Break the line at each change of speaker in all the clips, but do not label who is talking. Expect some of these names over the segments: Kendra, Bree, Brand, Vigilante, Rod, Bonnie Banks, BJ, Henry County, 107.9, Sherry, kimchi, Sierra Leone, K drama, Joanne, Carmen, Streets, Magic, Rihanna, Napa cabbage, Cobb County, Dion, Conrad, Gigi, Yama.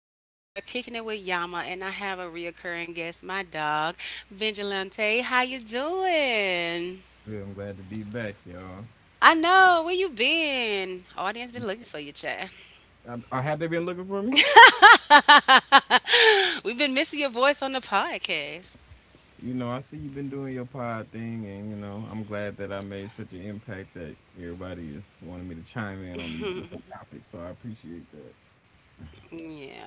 This is your girl kicking it with Yama, and I have a reoccurring guest, my dog, Vigilante. How you doing?
Good. I'm glad to be back, y'all.
I know. Where you been? Audience been looking for you, chat.
Have they been looking for me?
We've been missing your voice on the podcast.
You know, I see you've been doing your pod thing, and I'm glad that I made such an impact that everybody is wanting me to chime in on these different topics. So I appreciate that.
Yeah.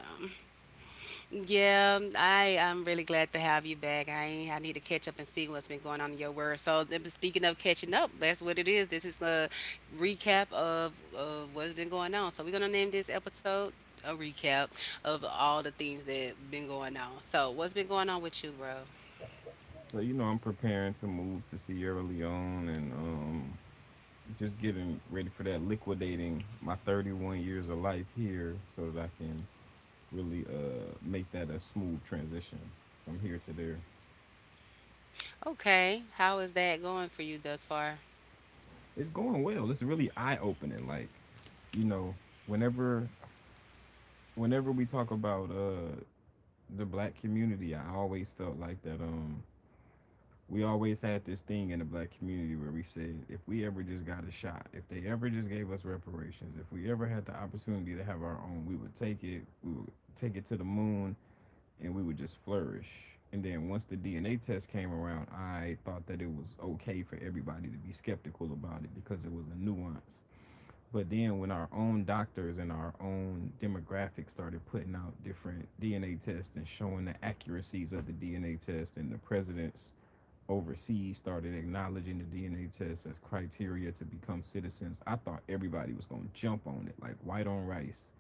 Yeah, I'm really glad to have you back. I need to catch up and see what's been going on in your world. But speaking of catching up, that's what it is. This is a recap of what's been going on. So we're gonna name this episode a recap of all the things that been going on. So what's been going on with you, bro?
So you know, I'm preparing to move to Sierra Leone and just getting ready for that, liquidating my 31 years of life here, so that I can really make that a smooth transition from here to there.
Okay, how is that going for you thus far?
It's going well. It's really eye opening. Like, you know, whenever whenever we talk about the black community, I always felt like that we always had this thing in the black community where we said if we ever just got a shot, if they ever just gave us reparations, if we ever had the opportunity to have our own, we would take it, we would take it to the moon and we would just flourish. And then once the DNA test came around, I thought that it was okay for everybody to be skeptical about it because it was a nuance, but then when our own doctors and our own demographics started putting out different DNA tests and showing the accuracies of the DNA test and the presidents overseas started acknowledging the DNA test as criteria to become citizens, I thought everybody was going to jump on it like white on rice.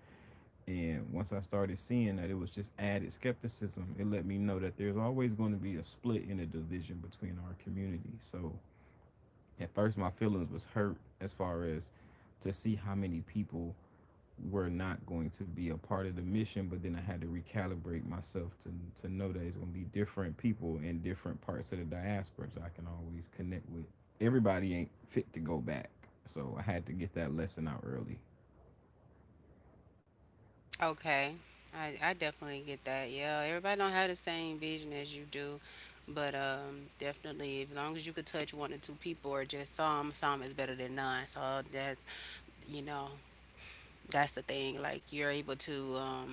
And once I started seeing that it was just added skepticism, it let me know that there's always going to be a split and a division between our community. So at first, my feelings was hurt as far as to see how many people were not going to be a part of the mission, but then I had to recalibrate myself to know that it's going to be different people in different parts of the diaspora that I can always connect with. Everybody ain't fit to go back, so I had to get that lesson out early.
Okay. I definitely get that. Yeah, everybody don't have the same vision as you do, but definitely as long as you could touch one or two people or just some is better than none. So that's, you know, that's the thing. Like you're able to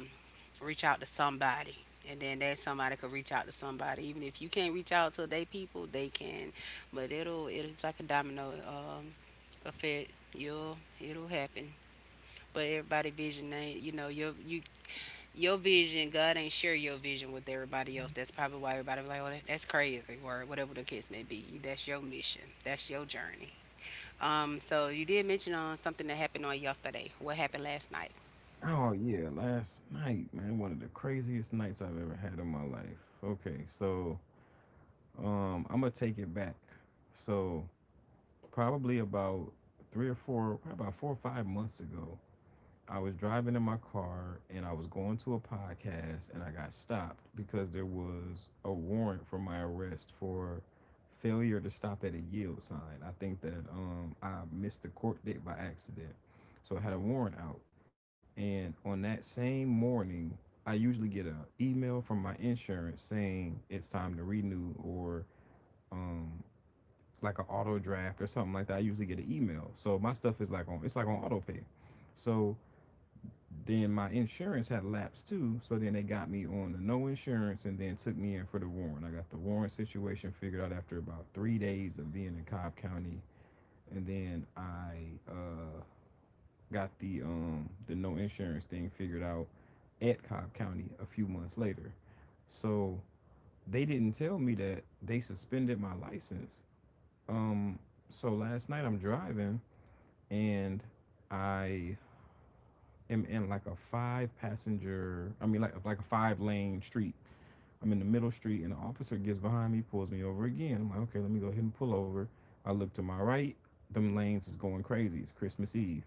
reach out to somebody, and then that somebody could reach out to somebody. Even if you can't reach out to they people, they can. But it's like a domino effect. You'll It'll happen. But everybody vision ain't, you know, your your vision, God ain't share your vision with everybody else. That's probably why everybody be like, "Oh, that's crazy," or whatever the case may be. That's your mission. That's your journey. So you did mention on something that happened on yesterday. What happened last night?
Oh yeah, last night, man, one of the craziest nights I've ever had in my life. Okay, so I'm gonna take it back. So probably about probably about 4 or 5 months ago, I was driving in my car and I was going to a podcast and I got stopped because there was a warrant for my arrest for failure to stop at a yield sign. I think that I missed the court date by accident. So I had a warrant out. And on that same morning, I usually get a email from my insurance saying it's time to renew or um like an auto draft or something like that. I usually get an email. So my stuff is like on it's like on auto pay. So then my insurance had lapsed too. So then they got me on the no insurance and then took me in for the warrant. I got the warrant situation figured out after about 3 days of being in Cobb County. And then I got the no insurance thing figured out at Cobb County a few months later. So they didn't tell me that they suspended my license. Um, so last night I'm driving and I am in like a five passenger, I mean, like a five-lane street. I'm in the middle street and the officer gets behind me, pulls me over again. I'm like, okay, let me go ahead and pull over. I look to my right, them lanes is going crazy. It's Christmas Eve.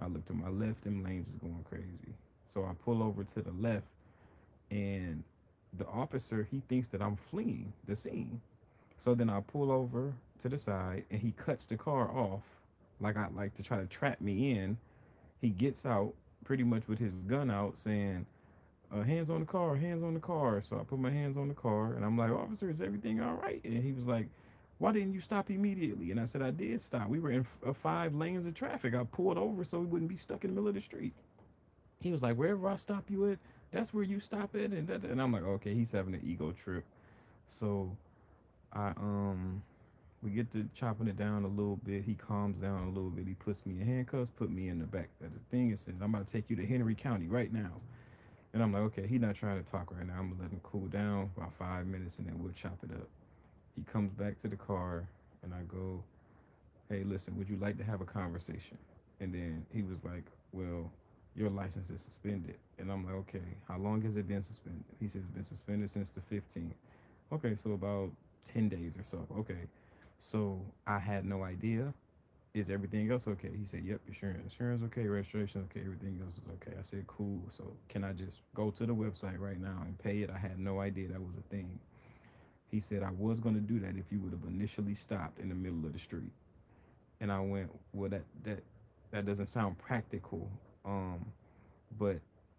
I look to my left, them lanes is going crazy. So I pull over to the left and the officer, he thinks that I'm fleeing the scene. So then I pull over to the side and he cuts the car off like I like to try to trap me in. He gets out pretty much with his gun out saying, hands on the car, hands on the car. So I put my hands on the car and I'm like, officer, is everything all right? And he was like, why didn't you stop immediately? And I said, I did stop. We were in five lanes of traffic. I pulled over so we wouldn't be stuck in the middle of the street. He was like, wherever I stop you at, that's where you stop at. And, that, that. And I'm like, okay, he's having an ego trip. So I, um, we get to chopping it down a little bit. He calms down a little bit. He puts me in handcuffs, put me in the back of the thing, and says, "I'm about to take you to Henry County right now." And I'm like, "Okay, he's not trying to talk right now. I'm gonna let him cool down about 5 minutes, and then we'll chop it up." He comes back to the car, and I go, "Hey, listen, would you like to have a conversation?" And then he was like, "Well, your license is suspended." And I'm like, "Okay, how long has it been suspended?" He says, "It's been suspended since the 15th." Okay, so about 10 days or so. Okay. So I had no idea. Is everything else okay? He said, yep, insurance. Insurance okay, registration okay, everything else is okay. I said, cool. So can I just go to the website right now and pay it? I had no idea that was a thing. He said, I was gonna do that if you would have initially stopped in the middle of the street. And I went, well that that doesn't sound practical. Um, but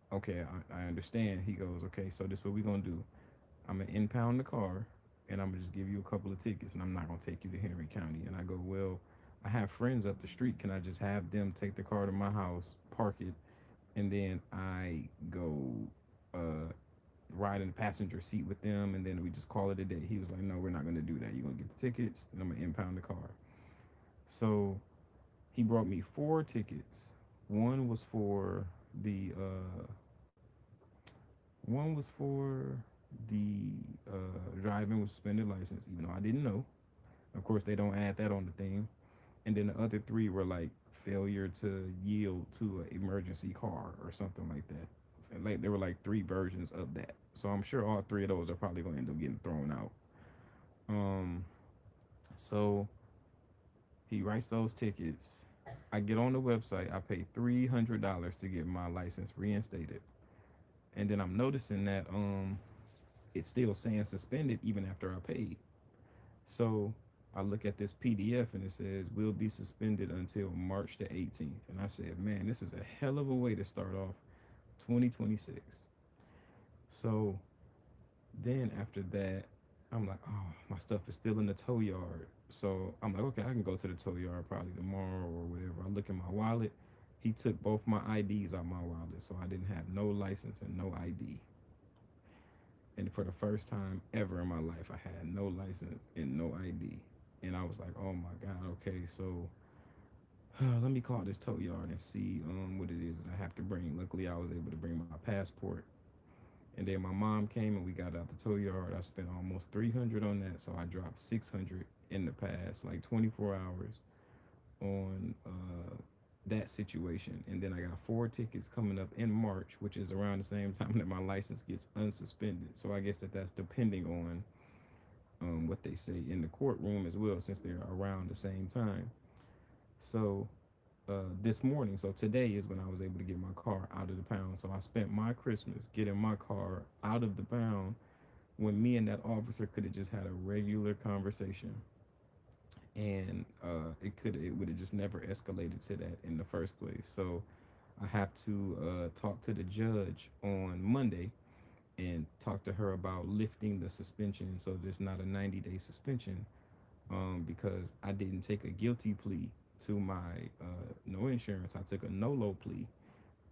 okay, I understand. He goes, okay, so this is what we are gonna do. I'm gonna impound the car and I'm gonna just give you a couple of tickets and I'm not gonna take you to Henry County. And I go, well, I have friends up the street. Can I just have them take the car to my house, park it, and then I go uh, ride in the passenger seat with them and then we just call it a day. He was like, no, we're not gonna do that. You're gonna get the tickets and I'm gonna impound the car. So he brought me four tickets. One was for the uh, one was for the driving with suspended license, even though I didn't know. Of course, they don't add that on the thing. And then the other three were like failure to yield to an emergency car or something like that. And, like there were like three versions of that. So I'm sure all three of those are probably gonna end up getting thrown out. Um, so he writes those tickets. I get on the website. I pay $300 to get my license reinstated, and then I'm noticing that it's still saying suspended even after I paid. So I look at this PDF and it says we will be suspended until March the 18th. And I said, man, this is a hell of a way to start off 2026. So then after that, I'm like, oh, my stuff is still in the tow yard. So I'm like, okay, I can go to the tow yard probably tomorrow or whatever. I look in my wallet. He took both my IDs out of my wallet, so I didn't have no license and no ID. And for the first time ever in my life, I had no license and no ID. And I was like, oh my God, okay, so let me call this tow yard and see what it is that I have to bring. Luckily, I was able to bring my passport. And then my mom came and we got out the tow yard. I spent almost 300 on that, so I dropped 600 in the past like 24 hours on that situation. And then I got four tickets coming up in March, which is around the same time that my license gets unsuspended. So I guess that that's depending on what they say in the courtroom as well, since they're around the same time. So this morning, so today is when I was able to get my car out of the pound. So I spent my Christmas getting my car out of the pound when me and that officer could have just had a regular conversation and it would have just never escalated to that in the first place. So I have to talk to the judge on Monday and talk to her about lifting the suspension so there's not a 90-day suspension because I didn't take a guilty plea to my no insurance. I took a no low plea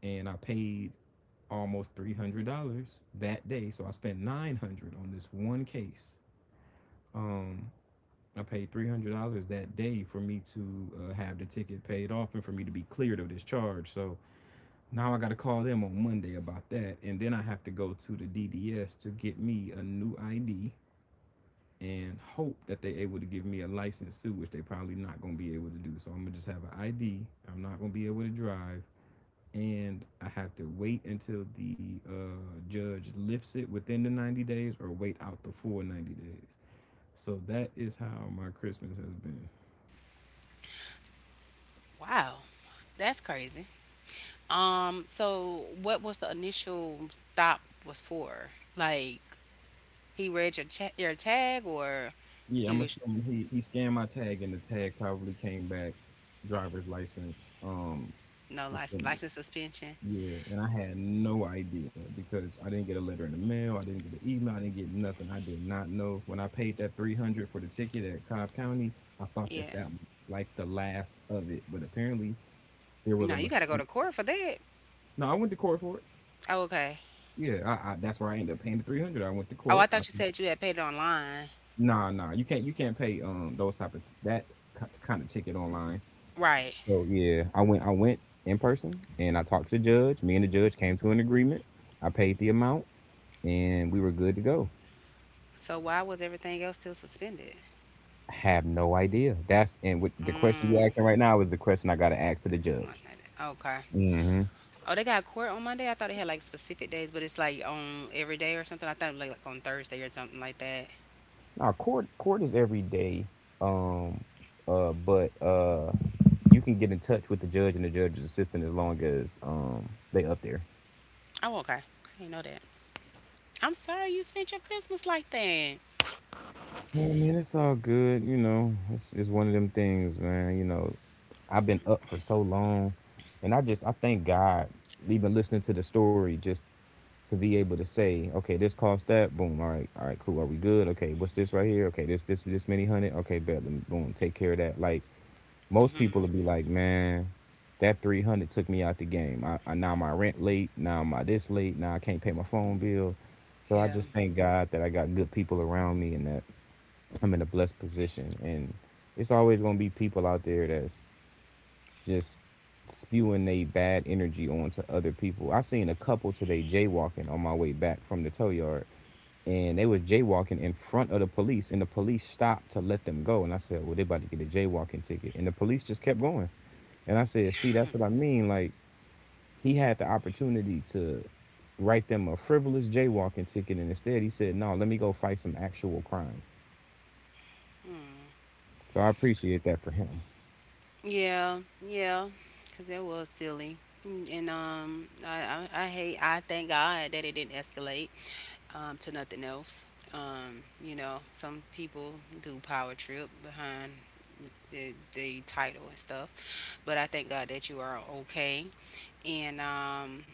and I paid almost $300 that day. So I spent $900 on this one case. Um, I paid $300 that day for me to have the ticket paid off and for me to be cleared of this charge. So now I got to call them on Monday about that, and then I have to go to the DDS to get me a new ID and hope that they able to give me a license too, which they probably not gonna be able to do. So I'm gonna just have an ID. I'm not gonna be able to drive, and I have to wait until the judge lifts it within the 90 days, or wait out the full 90 days. So that is how my Christmas has been.
Wow, that's crazy. So what was the initial stop was for? Like he read your cha- your tag, or
Yeah, I'm
he was,
assuming he scanned my tag, and the tag probably came back driver's license
no license,
suspended.
license suspension?
Yeah, and I had no idea because I didn't get a letter in the mail, I didn't get an email, I didn't get nothing. I did not know. When I paid that 300 for the ticket at Cobb County, I thought that
Yeah.
that was like the last of it, but apparently there was a
No, you got to go
mistake.
to court for that.
No, I went to court for it.
Oh, okay.
Yeah, I that's where I ended up paying the 300. I went to
Oh,
court.
I
I
thought you
said,
said you had paid it online.
"Nah, nah, you can't pay those type of that kind of ticket online."
Right.
So, yeah, I went in person and I talked to the judge. Me and the judge came to an agreement. I paid the amount and we were good to go.
So why was everything else still suspended?
I have no idea. That's and what the question you asking right now is the question I got to ask to the
Mon-
judge.
Okay.
Mm-hmm.
Oh, they got court on Monday. I thought they had like specific days, but it's like on every day or something. I thought it was like on Thursday or something like that.
Now court is every day, um, but you can get in touch with the judge and the judge's assistant as long as they up there.
Oh, okay. I didn't know that. I'm sorry you spent your Christmas like that.
Yeah, man, it's all good. You know, it's one of them things, man. You know, I've been up for so long, and I thank God. Even listening to the story, just to be able to say, okay, this cost that, boom, all right, cool, are we good? Okay, what's this right here? Okay, this many hundred, okay, bet, boom, take care of that. Like most people will be like, man, that 300 took me out the game. I now my rent late, now my this late, now I can't pay my phone bill. So I
Yeah.
just thank God that I got good people around me and that I'm in a blessed position. And it's always gonna be people out there that's just spewing they bad energy onto other people. I seen a couple today jaywalking on my way back from the tow yard, and they was jaywalking in front of the police, and the police stopped to let them go. And I said, "Well, they about to get a jaywalking ticket," and the police just kept going. And I said, "See, that's what I mean. Like he had the opportunity to write them a frivolous jaywalking ticket, and instead he said no, let me go fight some actual crime, so I appreciate that for him."
Yeah. Yeah. Cause that was silly. Mm. And I hate. I thank God that it didn't escalate to nothing else. You know, some people do power trip behind the title and stuff. But I thank God that you are okay. And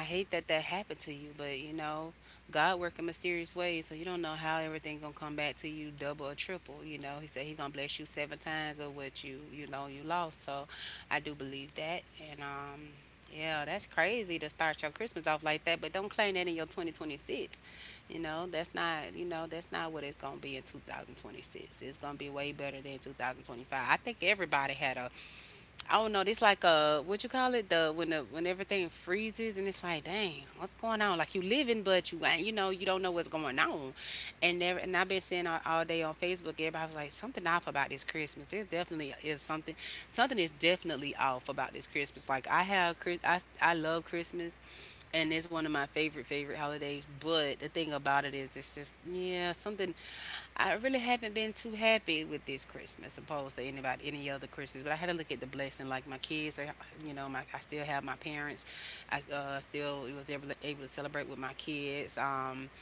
I hate that that happened to you, but you know, God work in mysterious ways, so you don't know how everything gonna come back to you double or triple. You know, He said He gonna bless you seven times of what you know, you lost. So I do believe that, and yeah, that's crazy to start your Christmas off like that. But don't claim that in your 2026. You know, that's not, you know, that's not what it's gonna be in 2026. It's gonna be way better than 2025. I think everybody had a, oh no, this like what you call it? The When the, when everything freezes and it's like, dang, what's going on? Like you living but you ain't, you know, you don't know what's going on. And I've been seeing all day on Facebook, everybody was like, something off about this Christmas. It definitely is something, something is definitely off about this Christmas. Like I love Christmas and it's one of my favorite, favorite holidays. But the thing about it is it's just, yeah, something, I really haven't been too happy with this Christmas opposed to any other Christmas. But I had to look at the blessing. Like my kids are, you know, my I still have my parents. I still was able to, able to celebrate with my kids. Um,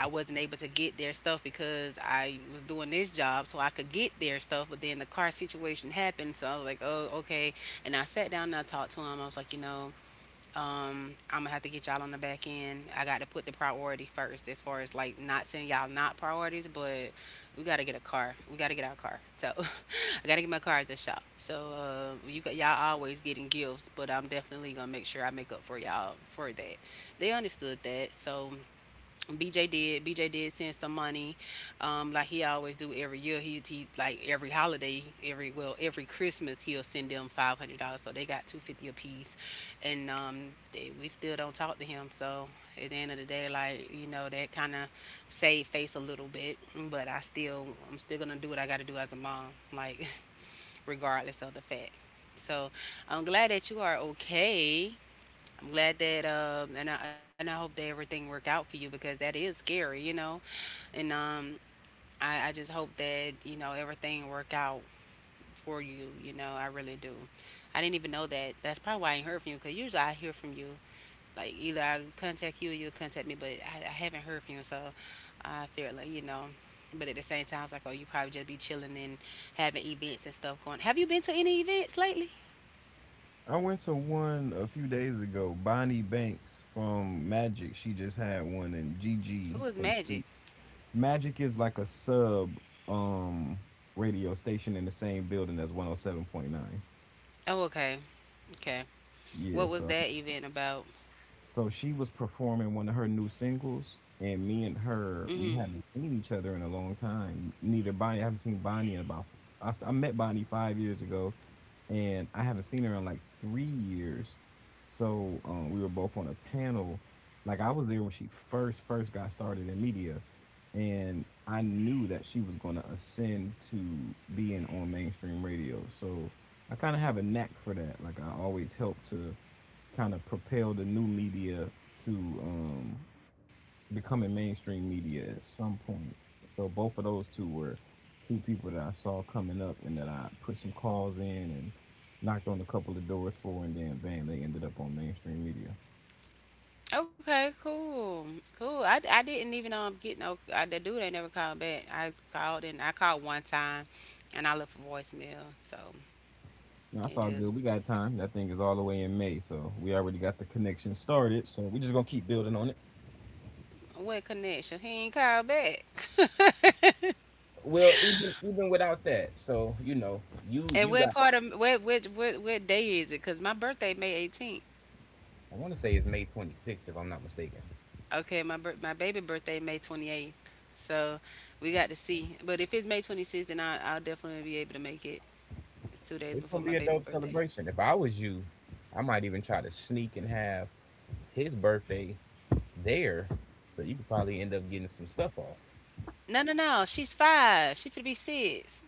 I wasn't able to get their stuff because I was doing this job, so I could get their stuff. But then the car situation happened, so I was like, oh okay. And I sat down and I talked to him. I was like, you know. I'm gonna have to get y'all on the back end. I got to put the priority first as far as like not saying y'all not priorities, but we gotta get a car. We gotta get our car. So I gotta get my car at the shop. So you got y'all always getting gifts, but I'm definitely gonna make sure I make up for y'all for that. They understood that. So BJ did. BJ did send some money, like he always do every year. He like every holiday, every Christmas he'll send them $500. So they got 250 apiece, and we still don't talk to him. So at the end of the day, like you know, that kind of saved face a little bit. But I'm still gonna do what I got to do as a mom, like regardless of the fact. So I'm glad that you are okay. I'm glad that um, and and I hope that everything work out for you because that is scary, you know. And um, I just hope that, you know, everything work out for you, you know. I really do. I didn't even know that. That's probably why I ain't heard from you because usually I hear from you. Like either I contact you or you contact me, but I haven't heard from you, so I feel like you know. But at the same time, I was like, oh, you probably just be chilling and having events and stuff going. Have you been to any events lately?
I went to one a few days ago. Bonnie Banks from Magic, she just had one, and Gigi
Who is
from
Magic?
Streets. Magic is like a sub um radio station in the same building as 107.9.
Oh, okay, okay.
Yeah,
What was
so
that event about?
so she was performing one of her new singles, and me and
Hmm.
her we haven't seen each other in a long time. Neither Bonnie, I haven't seen Bonnie in about I met Bonnie 5 years ago, and I haven't seen her in like 3 years. So we were both on a panel. Like I was there when she first got started in media, and I knew that she was going to ascend to being on mainstream radio. So I kind of have a knack for that. Like I always help to kind of propel the new media to becoming mainstream media at some point. So both of those two were two people that I saw coming up and that I put some calls in and knocked on a couple of doors for, and then bam, they ended up on mainstream media.
Okay, cool, cool. I didn't even get no. I, the dude ain't never called back. I called and I called one time, and I left a voicemail. So
Now it's
it
all good.
is
We got time. That thing is all the way in May, so we already got the connection started. So we're just gonna keep building on it.
what connection? He ain't called back.
Well, even without that, so you know, you
And
you
what
got.
part of what day is it? Cause my birthday May 18th.
I want to say it's May 26th, if I'm not mistaken.
Okay, my baby birthday May 28th. So we got to see. But if it's May 26th, then I'll definitely be able to make it. It's 2 days
It's
before
gonna
my
be a
baby
dope
birthday.
celebration. If I was you, I might even try to sneak and have his birthday there, so you could probably end up getting some stuff off.
No, no, no. She's five. She finna be six.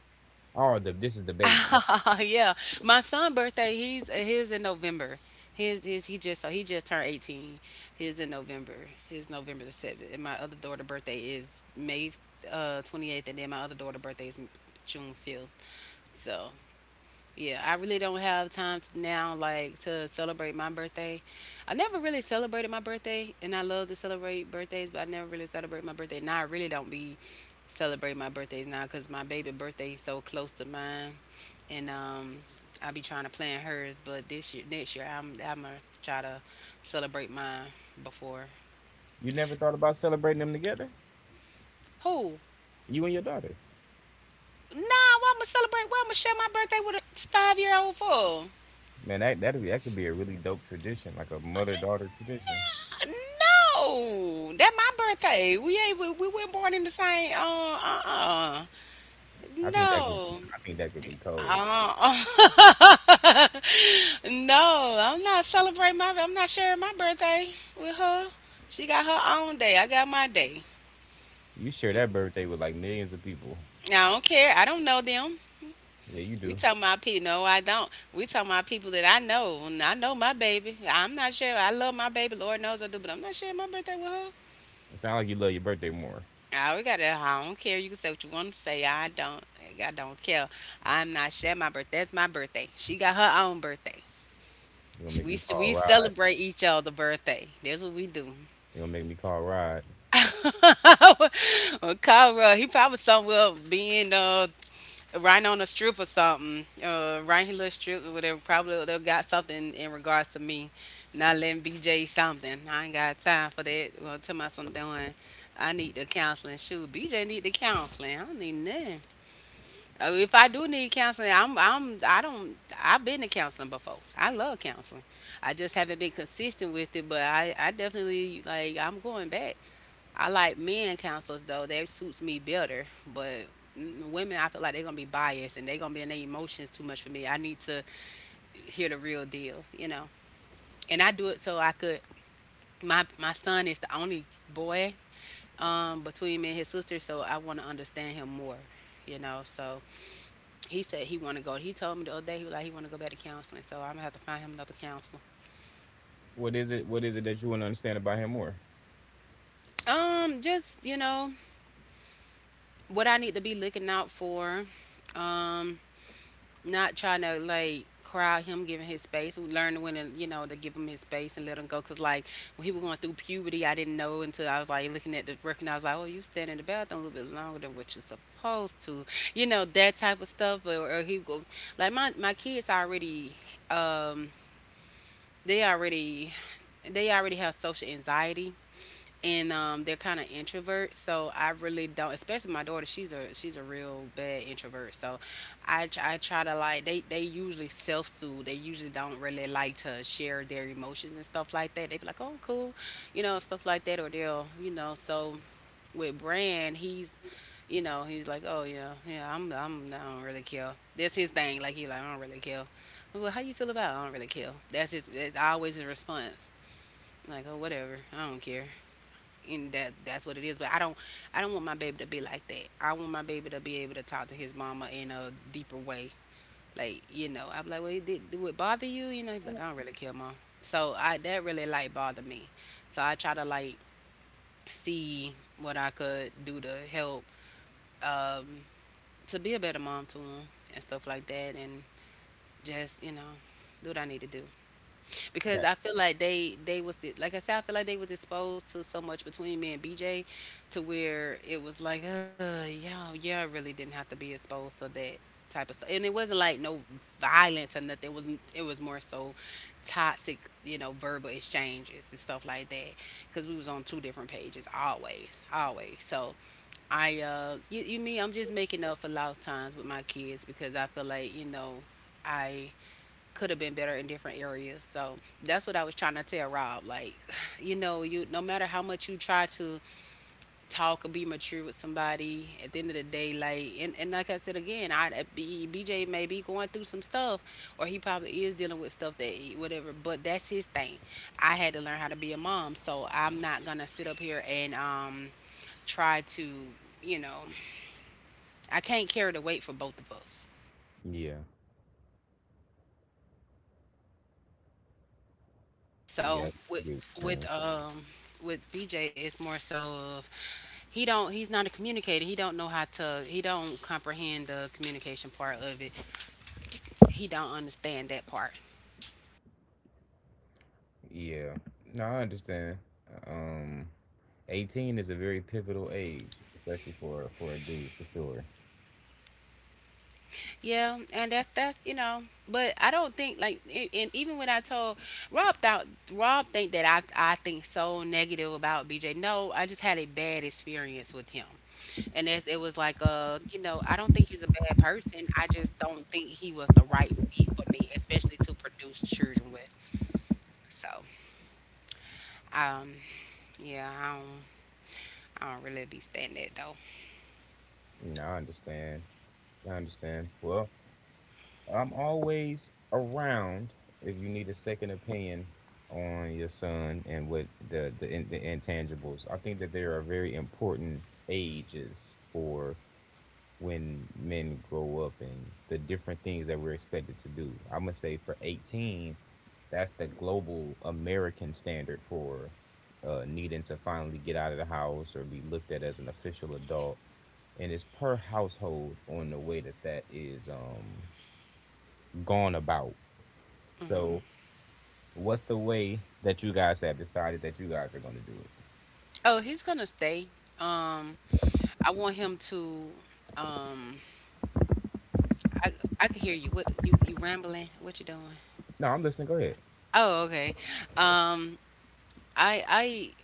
Oh, this is the baby.
Yeah, my son' birthday. He's his in November. His he just so he just turned 18. His in November. His November the seventh. And my other daughter' birthday is May May 28th, and then my other daughter' birthday is June 5th. So yeah, I really don't have time to now like to celebrate my birthday. I never really celebrated my birthday, and I love to celebrate birthdays, but I never really celebrate my birthday. Now I really don't be celebrating my birthdays now because my baby birthday is so close to mine, and I be trying to plan hers. But this year, next year, I'm gonna try to celebrate mine before
You never thought about celebrating them together?
who.
You and your daughter.
Nah, why I'm gonna celebrate? Why I'm gonna share my birthday with a 5 year old fool?
Man, that could be a really dope tradition, like a mother daughter tradition.
Nah, no, that my birthday. We ain't we weren't born in the same.
I think that could
No.
I think that could be cold.
Uh, no, I'm not celebrating my. I'm not sharing my birthday with her. She got her own day. I got my day.
You share that birthday with like millions of people.
I don't care. I don't know them.
Yeah, you
We
do.
talking about people. No, I don't. We talking about people that I know. And I know my baby. I'm not sure. I love my baby. Lord knows I do. But I'm not sharing my birthday with her.
It's not like you love your birthday more.
I we got that. I don't care. You can say what you want to say. I don't. I don't care. I'm not sharing my birthday. That's my birthday. She got her own birthday.
You gonna make me call
We
Rod.
celebrate each other birthday. That's what we do.
You gonna make me call Rod.
Well, Conrad, he probably somewhere being Rhino on a Stroop or something. Rhino Stroop or whatever. Probably they got something in regards to me not letting BJ something. I ain't got time for that. Well, tell my son doing. I need the counseling. Shoot, BJ need the counseling. I don't need nothing. Oh, if I do need counseling, I'm I don't I've been to counseling before. I love counseling. I just haven't been consistent with it, but I definitely like I'm going back. I like men counselors though. That suits me better. But mm, women, I feel like they're gonna be biased and they're gonna be in their emotions too much for me. I need to hear the real deal, you know. And I do it so I could. My son is the only boy between me and his sister, so I want to understand him more. So he said he want to go. He told me the other day he was like he want to go back to counseling. So I'm gonna have to find him another counselor.
What is it? What is it that you wanna understand about him more?
Just what I need to be looking out for. Um, Not trying to like crowd him giving his space. We learned when to to give him his space and let him go because like when he was going through puberty, I didn't know until I was like looking at the recognize, like, oh, you stand in the bathroom a little bit longer than what you're supposed to, you know, that type of stuff or, he go like my kids already um they already they already have social anxiety and they're kind of introverts. So I really don't, especially my daughter. She's a real bad introvert. So I try to like they usually self soothe. They usually don't really like to share their emotions and stuff like that. They be like, oh, cool, you know, stuff like that, or they'll. So with Brand, he's, you know, he's like, oh, yeah, yeah, I don't really care. That's his thing. Like he like, I don't really care. Well, how you feel about? It? I don't really care. That's his. That's always his response. Like, oh, whatever, I don't care, and that's what it is. But I don't want my baby to be like that. I want my baby to be able to talk to his mama in a deeper way. Like, you know, I'm like, well, it did, do it bother you? You know, he's like, I don't really care, mom. So I that really like bothered me. So I try to like see what I could do to help, um, to be a better mom to him and stuff like that, and just, you know, do what I need to do, because
That
I feel like they was like I said, I feel like they was exposed to so much between me and BJ, to where it was like y'all really didn't have to be exposed to that type of stuff, and it wasn't like no violence or nothing. It was, it was more so toxic, you know, verbal exchanges and stuff like that, because we was on two different pages, always always. So I you mean I'm just making up for lost times with my kids because I feel like, you know, I could have been better in different areas. So that's what I was trying to tell Rob. Like, you know, you no matter how much you try to talk or be mature with somebody, at the end of the day, like, and like I said again, BJ may be going through some stuff, or he probably is dealing with stuff that whatever. But that's his thing. I had to learn how to be a mom, so I'm not gonna sit up here and try to, you know, I can't carry the weight for both of us.
Yeah, yeah. I get
So
what you're saying.
with um with BJ, it's more so of he's not a communicator. He don't know how to he don't comprehend the communication part of it. He don't understand that part.
Yeah. No, I understand. Um, 18 is a very pivotal age, especially for a dude, for sure.
Yeah, and that's you know. But I don't think like and even when I told Rob thought Rob think that I think so negative about BJ. No, I just had a bad experience with him. And as it was like, you know, I don't think he's a bad person. I just don't think he was the right fit for me, especially to produce children with. So, um, yeah, I don't really be standing that though.
No, I understand. I understand. Well, I'm always around if you need a second opinion on your son and what the intangibles. I think that there are very important ages for when men grow up and the different things that we're expected to do. I'm gonna say for 18. That's the global American standard for needing to finally get out of the house or be looked at as an official adult. And it's per household on the way that that is gone about. So,
Hmm.
what's the way that you guys have decided that you guys are going to do it?
Oh, he's gonna stay. Um, I want him to. Um, I I can hear you. What you rambling? What you doing?
No, I'm listening. Go ahead.
Oh, okay. Um, I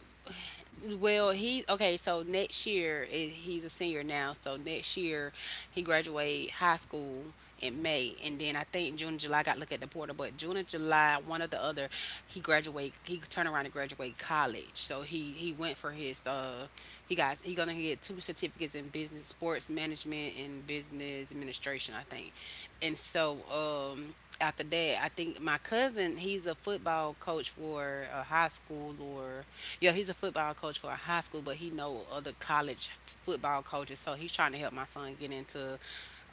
Well, he okay. So next year he's a senior now. So next year he graduate high school in May, and then I think June and July. I got to look at the portal, but June and July, one or the other, he graduate. He turned around and graduate college. So he went for his he gonna get two certificates in business sports management and business administration, I think. And so after that, I think my cousin, he's a football coach for a high school or yeah, he's a football coach for a high school, but he know other college football coaches, so he's trying to help my son get into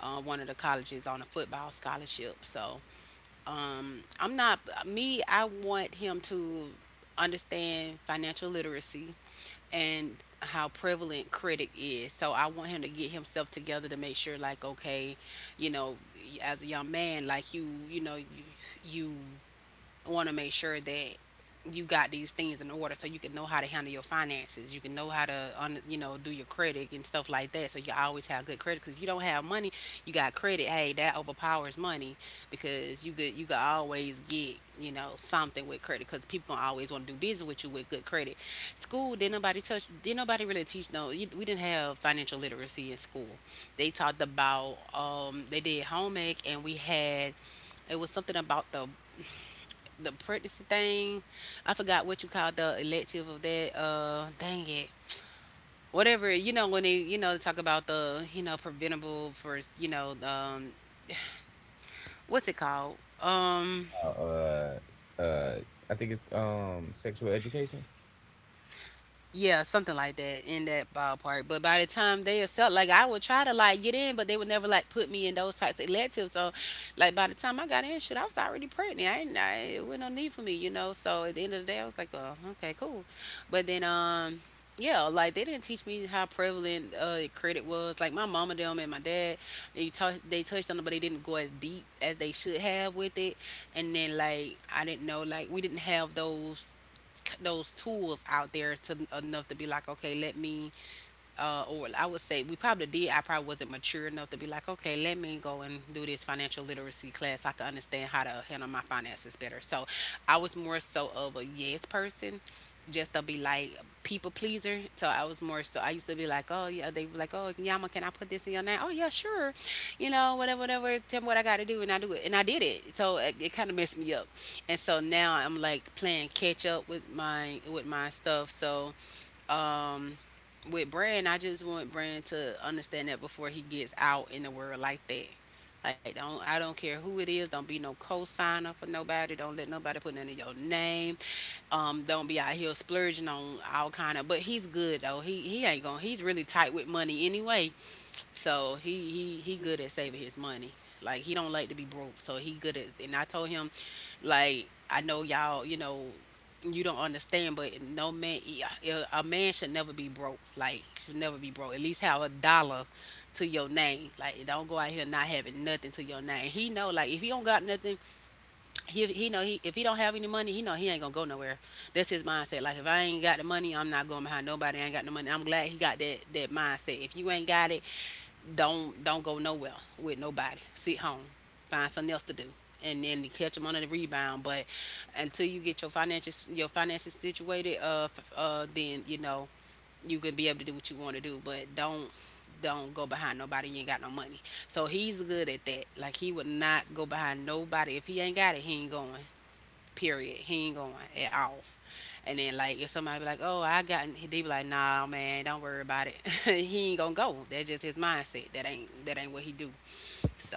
one of the colleges on a football scholarship. So I'm not me. I want him to understand financial literacy and how prevalent critic is. So I want him to get himself together to make sure like, okay, you know, as a young man like you know, you want to make sure that you got these things in order so you can know how to handle your finances. You can know how to, you know, do your credit and stuff like that. So you always have good credit because if you don't have money, you got credit. Hey, that overpowers money because you could always get, you know, something with credit because people gonna always want to do business with you with good credit. School didn't nobody didn't nobody really teach. No, we didn't have financial literacy in school. They talked about they did home ec, and we had it was something about the pregnancy thing. I forgot what you called the elective of that. Dang it. Whatever, you know, when they, you know, talk about the, you know, preventable for, you know, what's it called,
Uh, uh, uh, I think it's sexual education.
yeah, something like that in that ballpark. But by the time they accept, like I would try to like get in, but they would never like put me in those types of electives. So, like by the time I got in, shit, I was already pregnant. I ain't, I, it wasn't no need for me, you know. So at the end of the day, I was like, oh, okay, cool. But then, yeah, like they didn't teach me how prevalent credit was. Like my mama them and my dad, they touched on it, but they didn't go as deep as they should have with it. And then like I didn't know like we didn't have those tools out there to enough to be like, okay, let me, or I would say we probably did. I probably wasn't mature enough to be like, okay, let me go and do this financial literacy class so I can understand how to handle my finances better. So I was more so of a yes person, just to be like people pleaser. So I was more so I used to be like, oh, yeah, they were like, oh, Yama, can I put this in your name? Oh, yeah, sure, you know, whatever, whatever. Tell me what I got to do, and I do it, and I did it. So it kind of messed me up, and so now I'm like playing catch up with my stuff. So um with Brand, I just want Brand to understand that before he gets out in the world like that. Like don't I don't care who it is, don't be no co-signer for nobody. Don't let nobody put none of your name. Don't be out here splurging on all kind of but he's good though. He ain't gonna he's really tight with money anyway. So he he good at saving his money. Like he don't like to be broke, so he good at. And I told him like I know y'all, you know, you don't understand, but no man, yeah, a man should never be broke. Like should never be broke. At least have a dollar to your name. Like don't go out here not having nothing to your name. He know like if he don't got nothing, he know he if he don't have any money, he know he ain't gonna go nowhere. That's his mindset. Like if I ain't got the money, I'm not going behind nobody. I ain't got no money. I'm glad he got that mindset. If you ain't got it, don't go nowhere with nobody. Sit home, find something else to do, and then you catch them on the rebound. But until you get your finances situated, then you know you can be able to do what you want to do. But don't go behind nobody. You ain't got no money, so he's good at that. Like he would not go behind nobody if he ain't got it. He ain't going. Period. He ain't going at all. And then like if somebody be like, "Oh, I got," they be like, "Nah, man, don't worry about it." He ain't gonna go. That's just his mindset. That ain't what he do." So,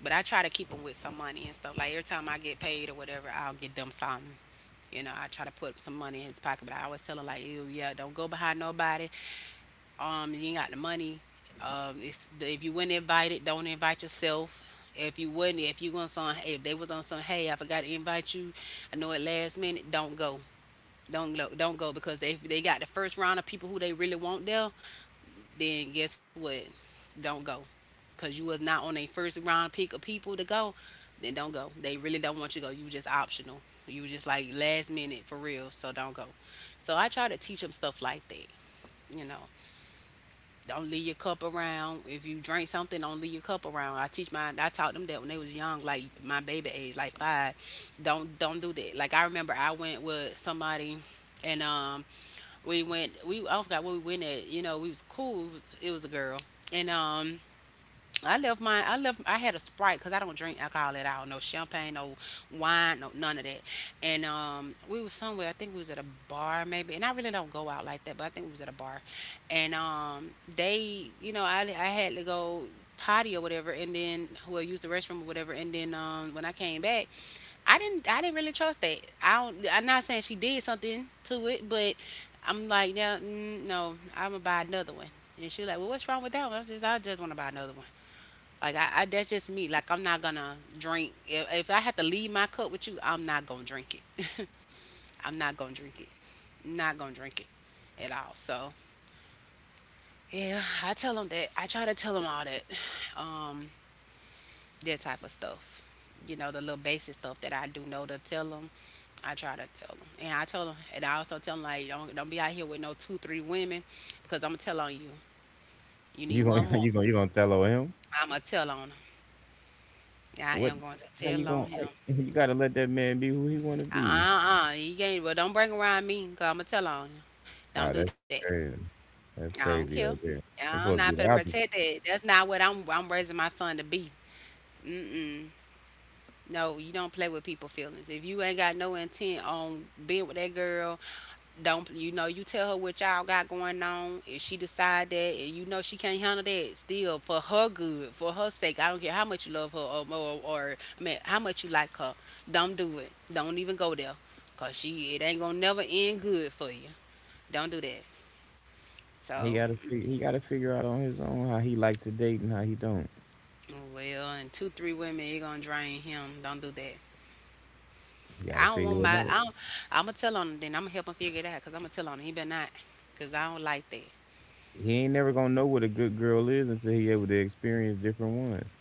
but I try to keep him with some money and stuff. Like every time I get paid or whatever, I'll get them something. You know, I try to put some money in his pocket, but I always tell him like, "Ew, yeah, don't go behind nobody. You ain't got the money. If you weren't invited, don't invite yourself." If you wouldn't, if you was on, If they was on some, "Hey, I forgot to invite you, I know at last minute," don't go don't go because they got the first round of people who they really want there. Then guess what? Don't go, cause you was not on a first round pick of people to go. Then don't go. They really don't want you to go. You just optional. You was just like last minute for real. So don't go. So I try to teach them stuff like that. You know, don't leave your cup around. If you drink something, don't leave your cup around. I teach my I taught them that when they was young, like my baby age, like five. Don't do that. Like I remember I went with somebody and we went we I forgot where we went at. You know, we was cool. It was a girl, and I left mine. I left. I had a Sprite because I don't drink alcohol at all. No champagne, no wine, no none of that. And we was somewhere. I think we was at a bar maybe. And I really don't go out like that, but I think we was at a bar. And they, you know, I had to go potty or whatever, and then well use the restroom or whatever, and then when I came back, I didn't really trust that. I'm not saying she did something to it, but I'm like, yeah, no, I'm gonna buy another one. And she like, "Well, what's wrong with that one?" I just want to buy another one. Like I that's just me. Like I'm not gonna drink. If I have to leave my cup with you, I'm not gonna drink it. I'm not gonna drink it. Not gonna drink it at all. So yeah, I tell them that. I try to tell them all that. Um, that type of stuff. You know, the little basic stuff that I do know to tell them. I try to tell them, and I tell them, and I also tell them like, don't be out here with no two three women, because I'm gonna tell on you. You need
You gonna
one more.
you gonna tell on him?
I'm gonna tell on him. I
What?
am going to
How you
tell on
gonna?
him.
I- You gotta let that man be who he wanna be.
You can't. Well, don't bring around me, cause I'm gonna tell on you.
Oh,
Don't do
that's
that.
crazy. That's
I don't
crazy
care.
right there. It's
I'm
supposed to
not for
be
to
the opposite.
protect that. That's not what I'm. I'm raising my son to be. Mm-mm. No, you don't play with people feelings. If you ain't got no intent on being with that girl, don't. You know, you tell her what y'all got going on. If she decide that and you know she can't handle that, still, for her good, for her sake, I don't care how much you love her or I mean how much you like her, don't do it. Don't even go there, because she, it ain't gonna never end good for you. Don't do that. So
He gotta figure out on his own how he like to date and how he don't.
well, and two three women, you gonna drain him. Don't do that.
He gotta
I don't
figure
want
it
my
out.
I don't, I'm gonna tell on him. Then I'm gonna help him figure it out, because I'm gonna tell on him. He better not, because I don't like that.
He ain't never gonna know what a good girl is until he able to experience different ones.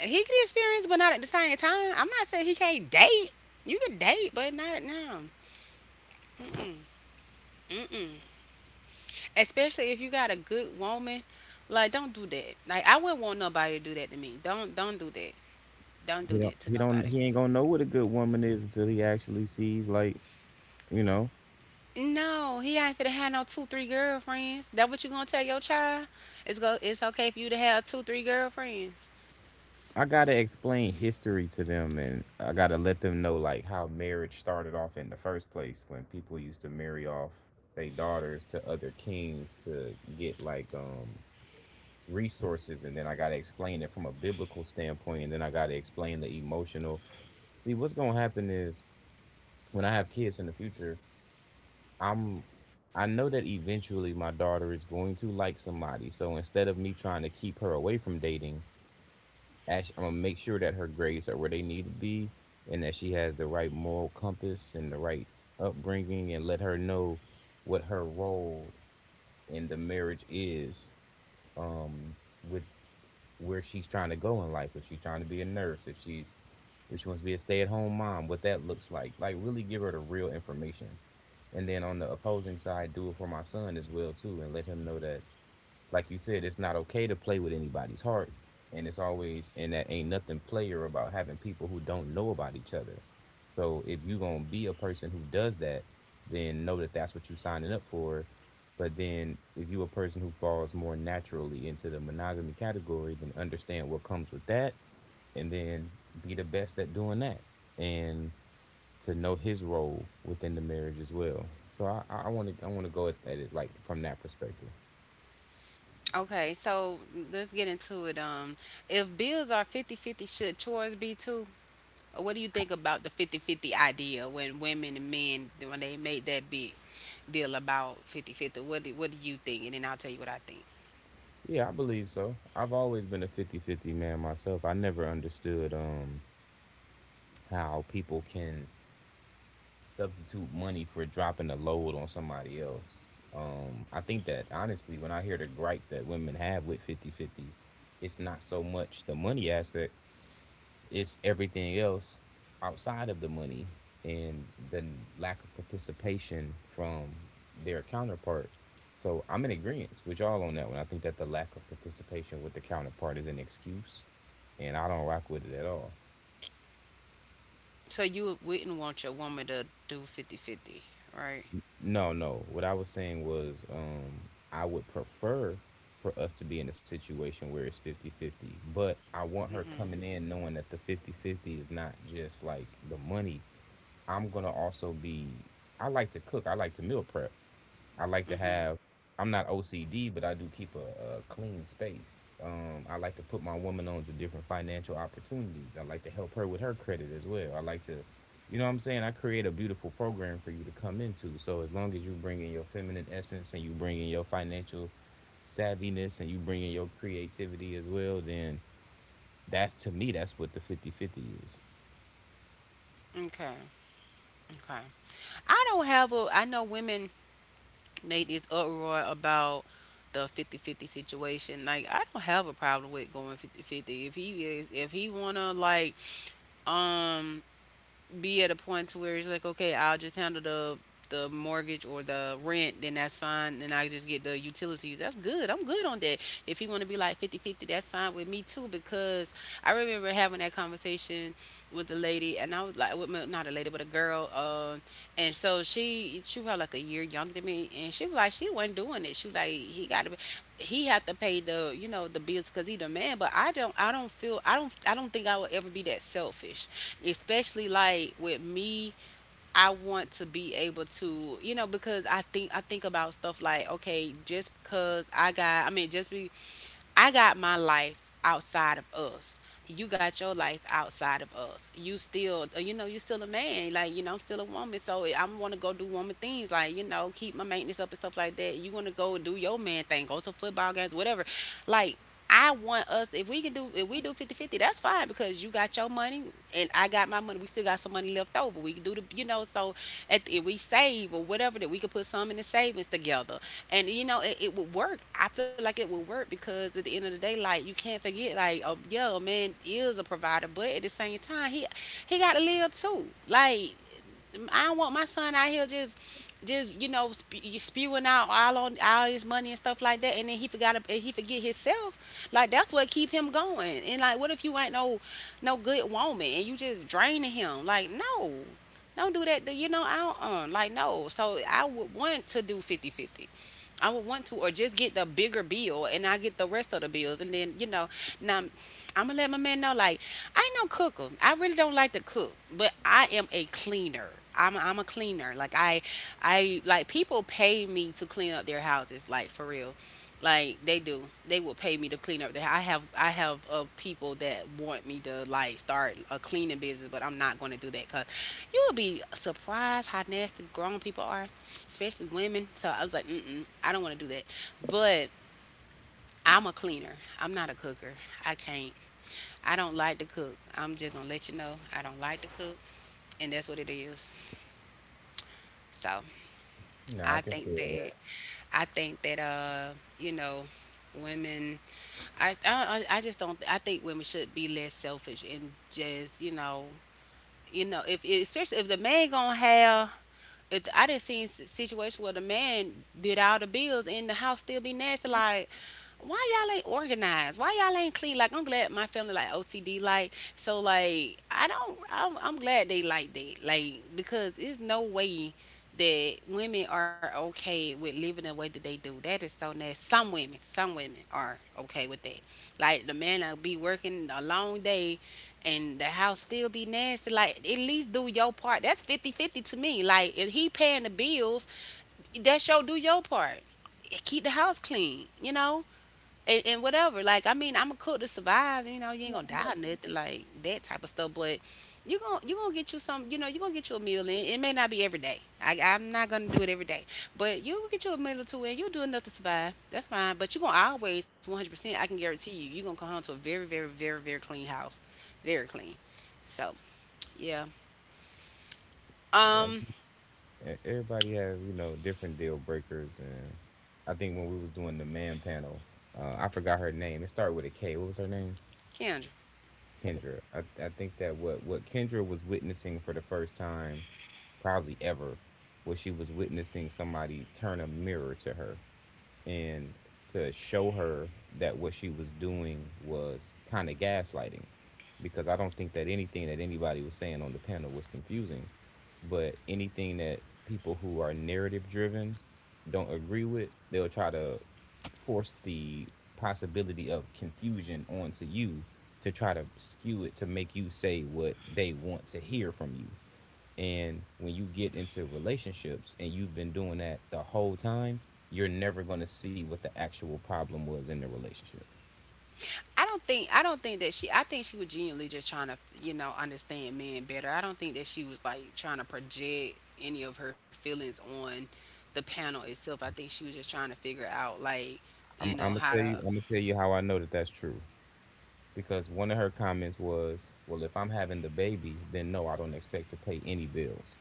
He could experience, but not at the same time. I'm not saying he can't date. You can date, but not now. Mm-mm. Especially if you got a good woman. Like, don't do that. Like, I wouldn't want nobody to do that to me. Don't do that. Don't
He
do
don't.
that to
He don't.
nobody.
He ain't gonna know what a good woman is until he actually sees. Like you know,
No, he ain't finna have no two, three girlfriends. That what you gonna tell your child? It's go. It's okay for you to have two, three girlfriends.
I gotta explain history to them, and I gotta let them know like how marriage started off in the first place when people used to marry off their daughters to other kings to get like resources, and then I got to explain it from a biblical standpoint, and then I got to explain the emotional. See, what's going to happen is when I have kids in the future, I'm I know that eventually my daughter is going to like somebody. So instead of me trying to keep her away from dating, I'm going to make sure that her grades are where they need to be and that she has the right moral compass and the right upbringing, and let her know what her role in the marriage is, um, with where she's trying to go in life. If she's trying to be a nurse, if she's if she wants to be a stay-at-home mom, what that looks like. Like really give her the real information. And then on the opposing side, do it for my son as well too, and let him know that like you said, it's not okay to play with anybody's heart. And it's always, and that ain't nothing player about having people who don't know about each other. So if you going to be a person who does that, then know that that's what you signing up for. But then if you a person who falls more naturally into the monogamy category, then understand what comes with that, and then be the best at doing that. And to know his role within the marriage as well. So I want to go at it like from that perspective.
Okay, so let's get into it. If bills are 50-50, should chores be too? What do you think about the 50-50 idea when women and men when they made that big deal about 50-50? What do you think? And then I'll tell you what I think.
Yeah, I believe so. I've always been a 50-50 man myself. I never understood how people can substitute money for dropping a load on somebody else. I think that honestly when I hear the gripe that women have with 50-50, it's not so much the money aspect, it's everything else outside of the money and the lack of participation from their counterpart. So I'm in agreement with y'all on that one. I think that the lack of participation with the counterpart is an excuse, and I don't rock with it at all.
So you wouldn't want your woman to do 50-50, right?
No, no. What I was saying was I would prefer for us to be in a situation where it's fifty fifty. But I want her coming
Mm-hmm.
in knowing that the fifty fifty is not just like the money, I'm gonna also be. I like to cook. I like to meal prep. I like to
Mm-hmm.
have. I'm not OCD, but I do keep a clean space. I like to put my woman on to different financial opportunities. I like to help her with her credit as well. I like to, you know what I'm saying? I create a beautiful program for you to come into. So as long as you bring in your feminine essence and you bring in your financial savviness and you bring in your creativity as well, then that's to me, that's what the 50 50 is.
Okay. Okay. I don't have a. I know women made this uproar about the 50-50 situation. Like I don't have a problem with going 50-50. If he is, if he wanna like, um, be at a point to where it's like, okay, I'll just handle the mortgage or the rent, then that's fine. Then I just get the utilities. That's good. I'm good on that. If he want to be like 50-50, that's fine with me too. Because I remember having that conversation with a lady, and I was like, with my, not a lady, but a girl. And so she was like a year younger than me, and she was like, she wasn't doing it. She was like, he had to pay the you know the bills because he the man. But I don't think I would ever be that selfish, especially like with me. I want to be able to, you know, because I think about stuff like, okay, just because I got I mean just be I got my life outside of us. You got your life outside of us. You still, you know, you still a man. Like, you know, I'm still a woman. So I'm want to go do woman things. Like, you know, keep my maintenance up and stuff like that. You want to go do your man thing. Go to football games, whatever. Like, I want us, if we do 50-50, that's fine because you got your money and I got my money. We still got some money left over. We can do the, you know, so at, if we save or whatever, that we can put some in the savings together, and you know it would work. I feel like it would work, because at the end of the day, like, you can't forget like, oh yeah, a man is a provider, but at the same time, he got to live too. Like, I don't want my son out here just, you spewing out all on all his money and stuff like that, and then he forget himself. Like, that's what keep him going. And like, what if you ain't no no good woman, and you just draining him? Like, no, don't do that. You know, I don't like no. So I would want to do 50-50. I would want to, or just get the bigger bill and I get the rest of the bills. And then, you know, now I'm, I'm gonna let my man know, like, I ain't no cooker. I really don't like to cook, but I am a cleaner. I'm a cleaner. Like I like people pay me to clean up their houses. Like for real, like they do. They will pay me to clean up their. I have people that want me to like start a cleaning business, but I'm not going to do that because you will be surprised how nasty grown people are, especially women. So I was like, mm-mm, I don't want to do that. But I'm a cleaner. I'm not a cooker. I can't. I don't like to cook. I'm just gonna let you know I don't like to cook, and that's what it is. So
Nah, I
I
can feel
think
that.
that I think that uh you know, women, I just don't, I think women should be less selfish and just, you know, you know, if especially if the man gonna have, if I didn't see situation where the man did all the bills and the house still be nasty. Like, why y'all ain't organized? Why y'all ain't clean? Like, I'm glad my family like OCD, like, so like I don't, I'm glad they like that, like, because there's no way that women are okay with living the way that they do. That is so nasty. Some women are okay with that. Like the man will be working a long day and the house still be nasty. Like at least do your part. That's 50 50 to me. Like if he paying the bills, that's your do your part keep the house clean, And whatever. Like, I mean, I'm a cook to survive. You ain't gonna die or nothing like that type of stuff. But you gonna get you some. You gonna get you a meal. And it may not be every day. I'm not gonna do it every day. But you will get you a meal or two, and you'll do enough to survive. That's fine. But you gonna always 100%. I can guarantee you, you are gonna come home to a very, very, very, very clean house, very clean. So yeah.
Yeah,
Um,
everybody have different deal breakers, and I think when we was doing the man panel, I forgot her name. It started with a K. What was her name?
Kendra.
Kendra. I think that what Kendra was witnessing for the first time, probably ever, was she was witnessing somebody turn a mirror to her and to show her that what she was doing was kind of gaslighting, because I don't think that anything that anybody was saying on the panel was confusing, but anything that people who are narrative driven don't agree with, they'll try to force the possibility of confusion onto you to try to skew it to make you say what they want to hear from you. And when you get into relationships and you've been doing that the whole time, you're never going to see what the actual problem was in the relationship.
I don't think that she I think she was genuinely just trying to, understand men better. I don't think that she was like trying to project any of her feelings on the panel itself. I think she was just trying to figure out like, you
I'm,
know,
I'm gonna
how
tell
to
you. I'm gonna tell you how I know that that's true. Because one of her comments was, "Well, if I'm having the baby, then no, I don't expect to pay any bills."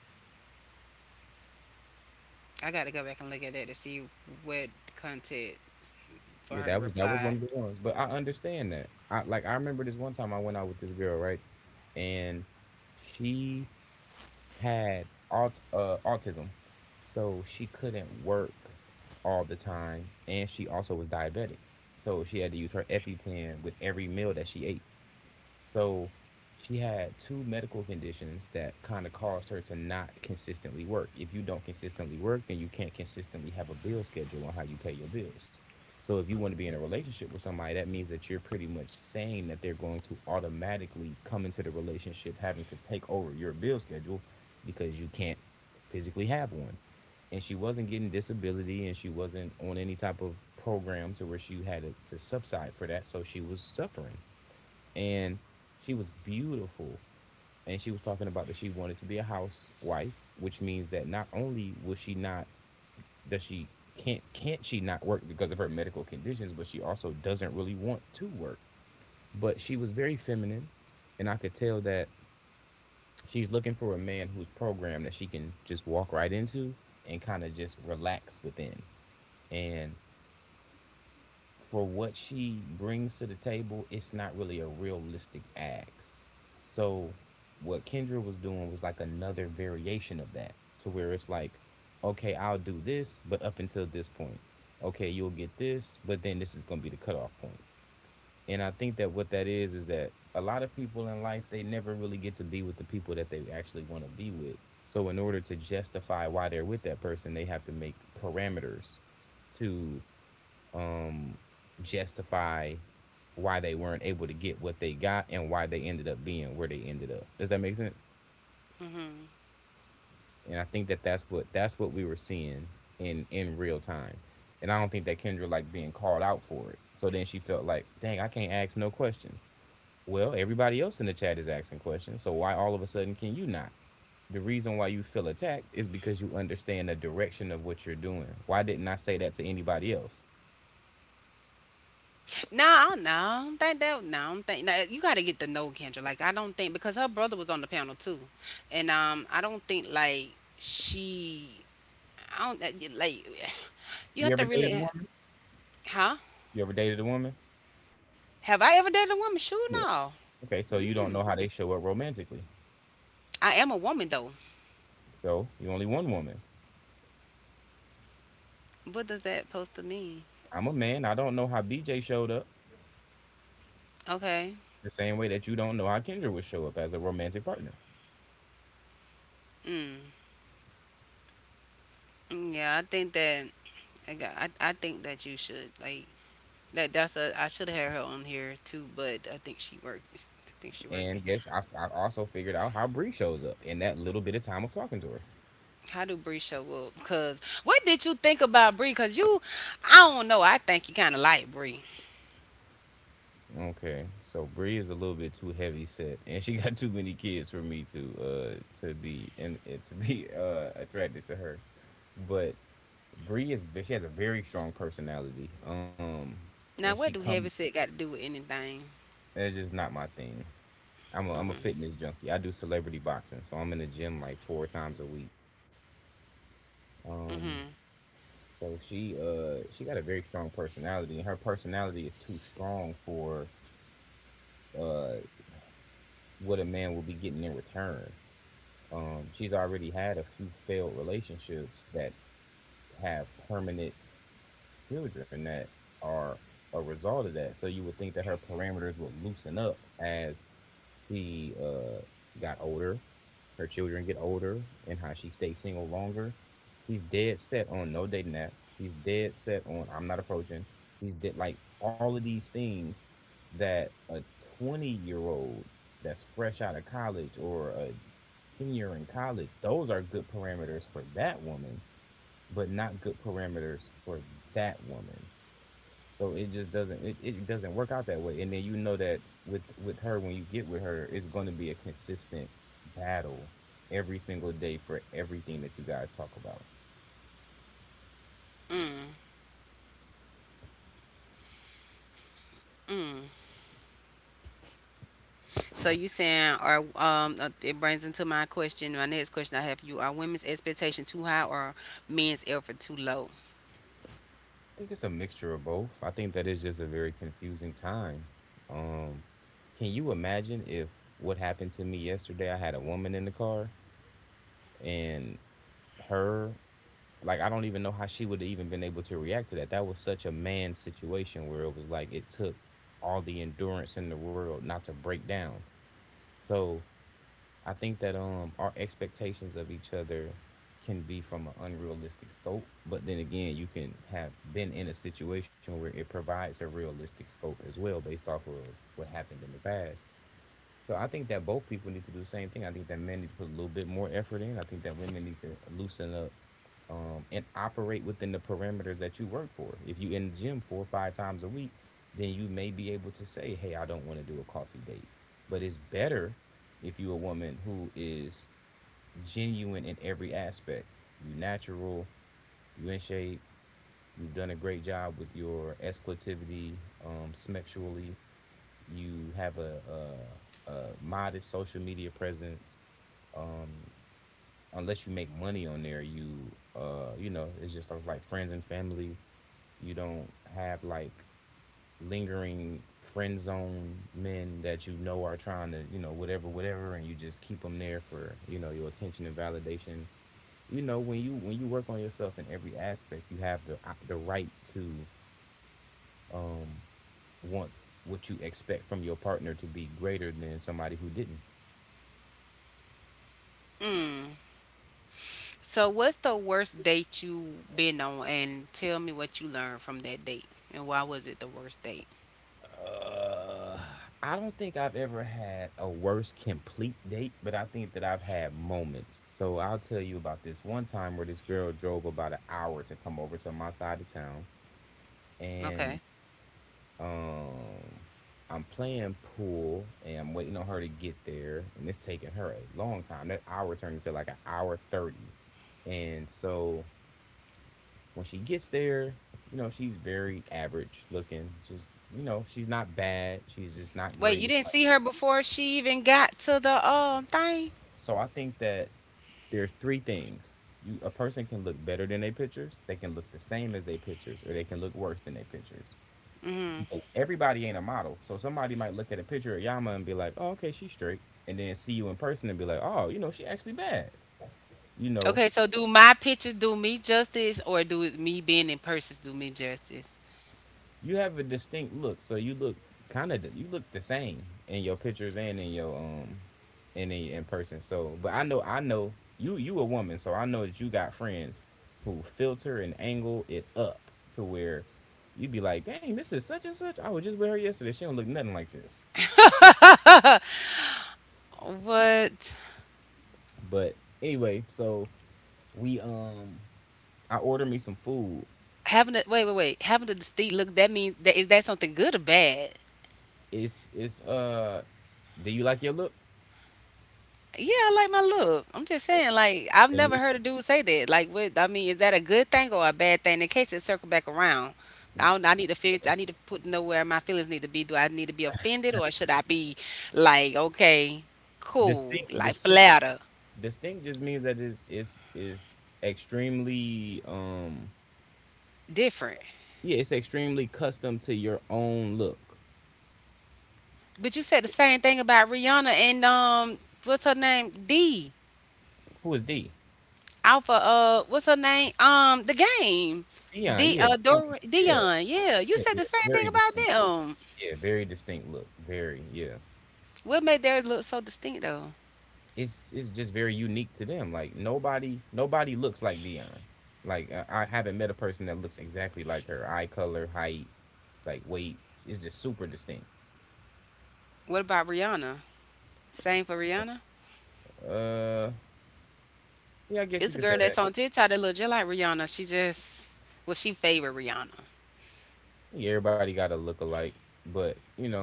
I got to go back and look at that to see what content for
Yeah,
her to
that was
reply.
one of the ones. But I understand that. I, like, I remember this one time I went out with this girl, right? And she had autism, so she couldn't work all the time, and she also was diabetic, so she had to use her EpiPen with every meal that she ate. So she had two medical conditions that kind of caused her to not consistently work. If you don't consistently work, then you can't consistently have a bill schedule on how you pay your bills. So if you want to be in a relationship with somebody, that means that you're pretty much saying that they're going to automatically come into the relationship having to take over your bill schedule because you can't physically have one. And she wasn't getting disability, and she wasn't on any type of program to where she had to subside for that. So she was suffering, and she was beautiful, and she was talking about that she wanted to be a housewife, which means that not only will she not does she can't she not work because of her medical conditions, but she also doesn't really want to work, but she was very feminine, and I could tell that she's looking for a man who's programmed that she can just walk right into and kind of just relax within, and for what she brings to the table, it's not really a realistic ask. So what Kendra was doing was like another variation of that, to where it's like, okay, I'll do this, but up until this point. Okay, you'll get this, but then this is gonna be the cutoff point. And I think that what that is that a lot of people in life, they never really get to be with the people that they actually want to be with. So in order to justify why they're with that person, they have to make parameters to um, justify why they weren't able to get what they got and why they ended up being where they ended up. Does that make sense? And I think that that's what we were seeing in real time. And I don't think that Kendra like being called out for it. So then she felt like, dang, I can't ask no questions. Well, everybody else in the chat is asking questions, so why all of a sudden can you not? The reason why you feel attacked is because you understand the direction of what you're doing. Why didn't I say that to anybody else?
I don't think that. No, I don't think. No, you got to get to know Kendra. Like I don't think because her brother was on the panel too, and I don't think like she I don't that- like. You
You
have
ever
to
dated a
really,
woman?
huh?
You ever dated a woman?
Have I ever dated a woman? Sure,
Yeah.
no.
Okay, so you don't know how they show up romantically.
I am a woman though.
So you only one woman.
What does that supposed to mean?
I'm a man. I don't know how BJ showed up
Okay.
the same way that you don't know how Kendra would show up as a romantic partner.
Mm. Yeah, I think that I think that you should like that. That's a I should have had her on here too, but I think she worked. I think she working.
And guess I also figured out how Bree shows up in that little bit of time of talking to her.
How do Bree show up? Cause what did you think about Bree? I don't know. I think you kind of like Bree.
Okay, so Bree is a little bit too heavy set, and she got too many kids for me to be and to be attracted to her. But Bree is she has a very strong personality. And
Now
she
what do
comes.
heavy set got to do with anything?
That's just not my thing. I'm a fitness junkie. I do celebrity boxing, so I'm in the gym like four times a week.
Mm-hmm.
Um, so she got a very strong personality, and her personality is too strong for uh what a man will be getting in return. She's already had a few failed relationships that have permanent children that are a result of that. So you would think that her parameters would loosen up as she got older, her children get older, and how she stays single longer. She's dead set on no dating apps. She's dead set on I'm not approaching. She's dead like all of these things that a 20-year-old that's fresh out of college or a senior in college, those are good parameters for that woman, but not good parameters for that woman. So it just doesn't. It doesn't work out that way. And then you know that with her, when you get with her, it's going to be a consistent battle every single day for everything that you guys talk about.
Mm-hmm. So you saying are it brings into my question, my next question I have for you, are women's expectation too high or men's effort too low?
I think it's a mixture of both. I think that is just a very confusing time. Um, can you imagine if what happened to me yesterday? I had a woman in the car, and her, like, I don't even know how she would have even been able to react to that. That was such a man situation where it was like it took all the endurance in the world not to break down. So I think that our expectations of each other can be from an unrealistic scope, but then again, you can have been in a situation where it provides a realistic scope as well, based off of what happened in the past. So I think that both people need to do the same thing. I think that men need to put a little bit more effort in. I think that women need to loosen up and operate within the parameters that you work for. If you in the gym four or five times a week, then you may be able to say, "Hey, I don't want to do a coffee date." But it's better if you're a woman who is genuine in every aspect. You natural, you in shape, you've done a great job with your exclusivity, sexually. You have a modest social media presence. Unless you make money on there, it's just like friends and family. You don't have like lingering friend zone men that you know are trying to, whatever, whatever, and you just keep them there for, your attention and validation. When you work on yourself in every aspect, you have the right to um, want what you expect from your partner to be greater than somebody who didn't.
Mm. So what's the worst date you been on and tell me what you learned from that date and why was it the worst date?
Uh, I don't think I've ever had a worse complete date, but I think that I've had moments. So I'll tell you about this one time where this girl drove about an hour to come over to my side of town,
Okay.
and um, I'm playing pool and I'm waiting on her to get there, and it's taking her a long time. That hour turned into like an hour 30, and so when she gets there, she's very average looking. Just, she's not bad. She's just not
Wait,
great.
you
It's
didn't
like.
see her before she even got to the thing?
So I think that there are three things. You a person can look better than their pictures, they can look the same as their pictures, or they can look worse than their pictures. Because everybody ain't a model. So somebody might look at a picture of Yama and be like, oh, okay, she's straight. And then see you in person and be like, oh, she actually bad. You know,
Okay, so do my pictures do me justice or do it- me being in person do me justice?
You have a distinct look, so you look kind of you look the same in your pictures and in your and in person. So, but I know you a woman, so I know that you got friends who filter and angle it up to where you'd be like, dang, this is such and such. I was just with her yesterday. She don't look nothing like this.
What?
But anyway, so we I ordered me some food.
Having a wait. Having a distinct look, that means that is that something good or bad?
It's it's do you like your look?
Yeah, I like my look. I'm just saying, like, I've
And
never heard a dude say that. Like, what I mean, is that a good thing or a bad thing? In case it circle back around, I don't, I need to figure. I need to put know where my feelings need to be. Do I need to be offended or should I be like, okay, cool,
distinct
like
distinct
flatter,
distinct just means that it's extremely
different?
yeah it's extremely custom to your own look.
But you said the same thing about Rihanna and what's her name, D.
Who is D?
Alpha, what's her name? The game.
Dion,
D
yeah. Dion,
Dor
yeah.
Dion. Yeah, you
yeah
said
yeah
the same thing
very
about
distinct,
them.
yeah, very distinct look, very, yeah.
What made theirs look so distinct though?
It's just very unique to them. Like nobody looks like Dion. Like I haven't met a person that looks exactly like her. Eye color, height, like weight, it's just super distinct.
What about Rihanna? Same for Rihanna?
uh yeah, I guess you
It's a
could say
girl
that.
that's on TikTok that look just like Rihanna. She just well, she favored Rihanna.
Yeah, everybody got a look alike, but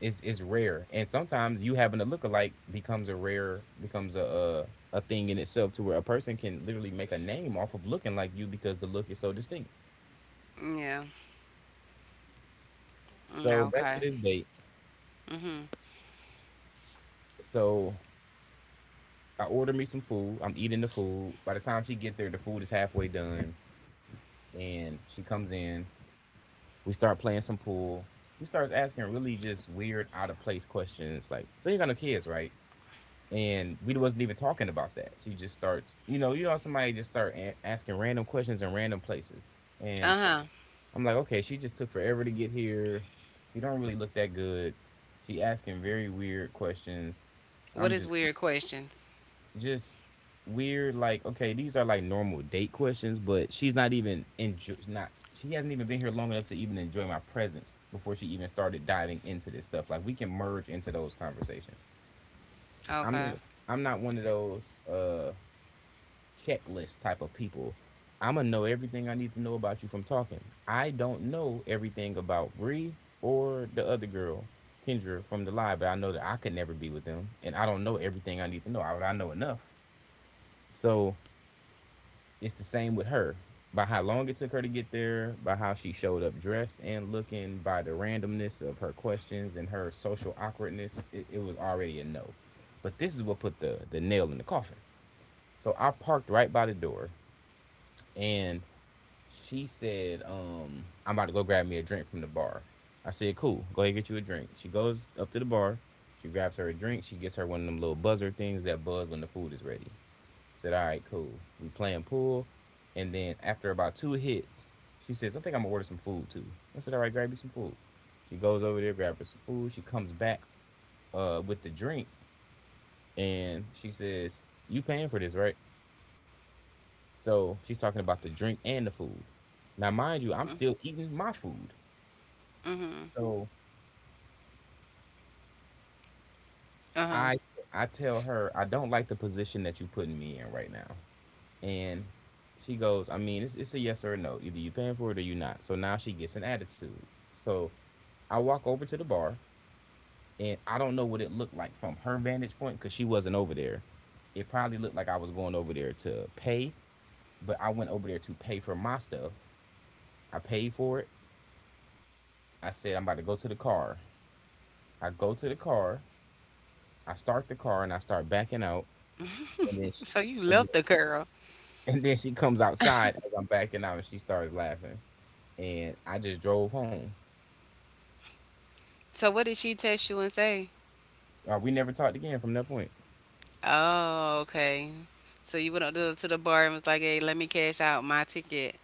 it's rare. And sometimes you having a look alike becomes a rare becomes a, a thing in itself to where a person can literally make a name off of looking like you because the look is so distinct.
Yeah. Mm,
So back to
okay.
this date.
Mhm.
So I order me some food. I'm eating the food. By the time she get there, the food is halfway done, and she comes in. We start playing some pool. She starts asking really just weird, out of place questions like, "So you're gonna kids, right?" And we wasn't even talking about that. She just starts, somebody just start asking random questions in random places,
Uh
and
huh.
I'm like, okay, she just took forever to get here. She don't really look that good. She asking very weird questions.
What
I'm
is
just,
weird questions?
just weird. Like, okay, these are like normal date questions, but she's not even enjoy, not. She hasn't even been here long enough to even enjoy my presence before she even started diving into this stuff. Like we can merge into those conversations. I'm
Okay.
not I'm not one of those checklist type of people. I'm gonna know everything I need to know about you from talking. I don't know everything about Bree or the other girl, Kendra from the live, but I know that I could never be with them, and I don't know everything I need to know. I know enough. So it's the same with her. By how long it took her to get there, by how she showed up dressed and looking, by the randomness of her questions and her social awkwardness, it was already a no. But this is what put the nail in the coffin. So I parked right by the door, and she said, I'm about to go grab me a drink from the bar. I said, cool, go ahead and get you a drink. She goes up to the bar. She grabs her a drink. She gets her one of them little buzzer things that buzz when the food is ready. I said, all right, cool. We playing pool. And then after about two hits, she says, I think I'm going to order some food too. I said, all right, grab you some food. She goes over there, grabs her some food. She comes back with the drink and she says, you paying for this, right? So she's talking about the drink and the food. Now, mind you, I'm still eating my food.
Mhm.
So
Uh huh.
I I tell her I don't like the position that you putting me in right now, and she goes, I mean, it's a yes or a no. Either you paying for it or you not. So now she gets an attitude. So I walk over to the bar, and I don't know what it looked like from her vantage point because she wasn't over there. It probably looked like I was going over there to pay, but I went over there to pay for my stuff. I paid for it. I said I'm about to go to the car. I go to the car. I start the car and I start backing out, and then she—
So you left the girl.
and then she comes outside as I'm backing out and she starts laughing. And I just drove home.
So what did she text you and say?
We never talked again from that point.
Oh, okay. So you went up to the bar and was like, "Hey, let me cash out my ticket."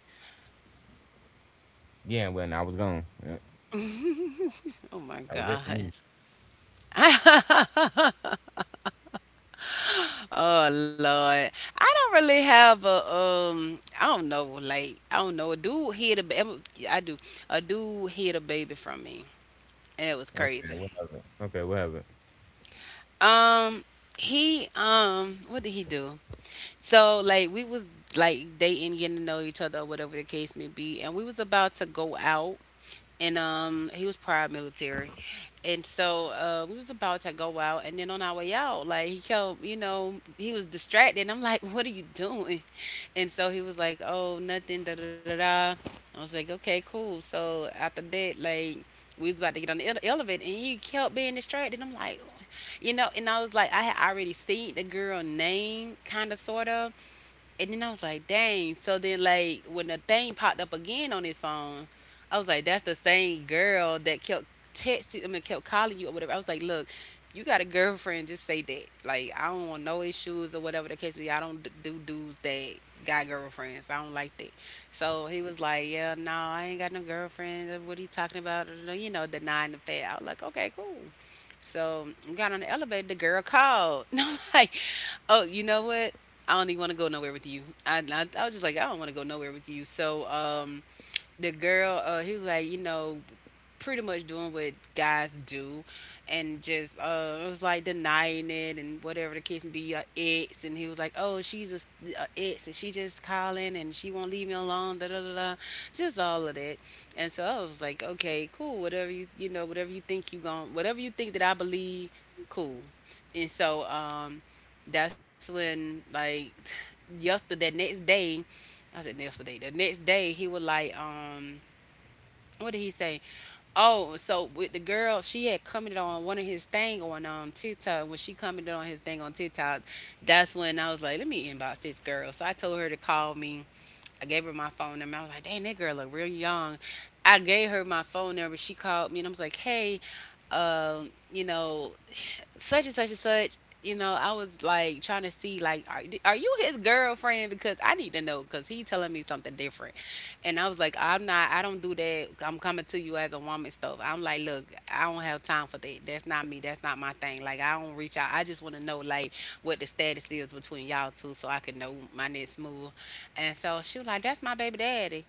Yeah, when I was gone. Yeah,
Oh my
that was it for
God.
me.
Oh Lord. I don't really have a. I don't know. A dude hid a baby. I do. A dude hid a baby from me. And it was
Okay,
crazy.
whatever. Okay, whatever.
Um. He. What did he do? So like we was like dating, getting to know each other, or whatever the case may be, and we was about to go out and he was prior military and so we was about to go out and then on our way out like he kept he was distracted, and I'm like, what are you doing? And so he was like, oh, nothing, da da da da. I was like, okay, cool. So after that, like, we was about to get on the elevator, and he kept being distracted. I'm like, "Oh," you know. And I was like, I had already seen the girl name kind of sort of, and then I was like, dang. So then, like, when the thing popped up again on his phone, I was like, that's the same girl that kept kept calling you or whatever. I was like, look, you got a girlfriend, just say that. Like, I don't want no issues or whatever the case may be. I don't d- do dudes that got girlfriends. I don't like that. So he was like, yeah, no, I ain't got no girlfriend. What are you talking about? You know, denying the fact. I was like, okay, cool. So we got on the elevator. The girl called. And I'm like, oh, you know what? I don't even want to go nowhere with you. I was just like, I don't want to go nowhere with you. So the girl, he was like, you know, pretty much doing what guys do and just it was like denying it and whatever the case may be your ex. And he was like, oh, she's a, s- a ex, and she just calling and she won't leave me alone, da da da da, just all of that. And so I was like, okay, cool, whatever. Whatever you think you gon', whatever you think that I believe, cool. And so that's when like yesterday that next day I said yesterday the next day he was like what did he say. Oh, so with the girl, she had commented on one of his thing on TikTok. When she commented on his thing on TikTok, that's when I was like, let me inbox this girl. So I told her to call me. I gave her my phone number. I was like, dang, that girl look real young. I gave her my phone number. She called me and I was like, hey, you know, such and such and such. You know, I was like trying to see like, are you his girlfriend? Because I need to know because he telling me something different. And I was like, I'm not. I don't do that. I'm coming to you as a woman stuff. I'm like, look, I don't have time for that. That's not me. That's not my thing. Like I don't reach out. I just want to know like what the status is between y'all two so I can know my next move. And so she was like, that's my baby daddy.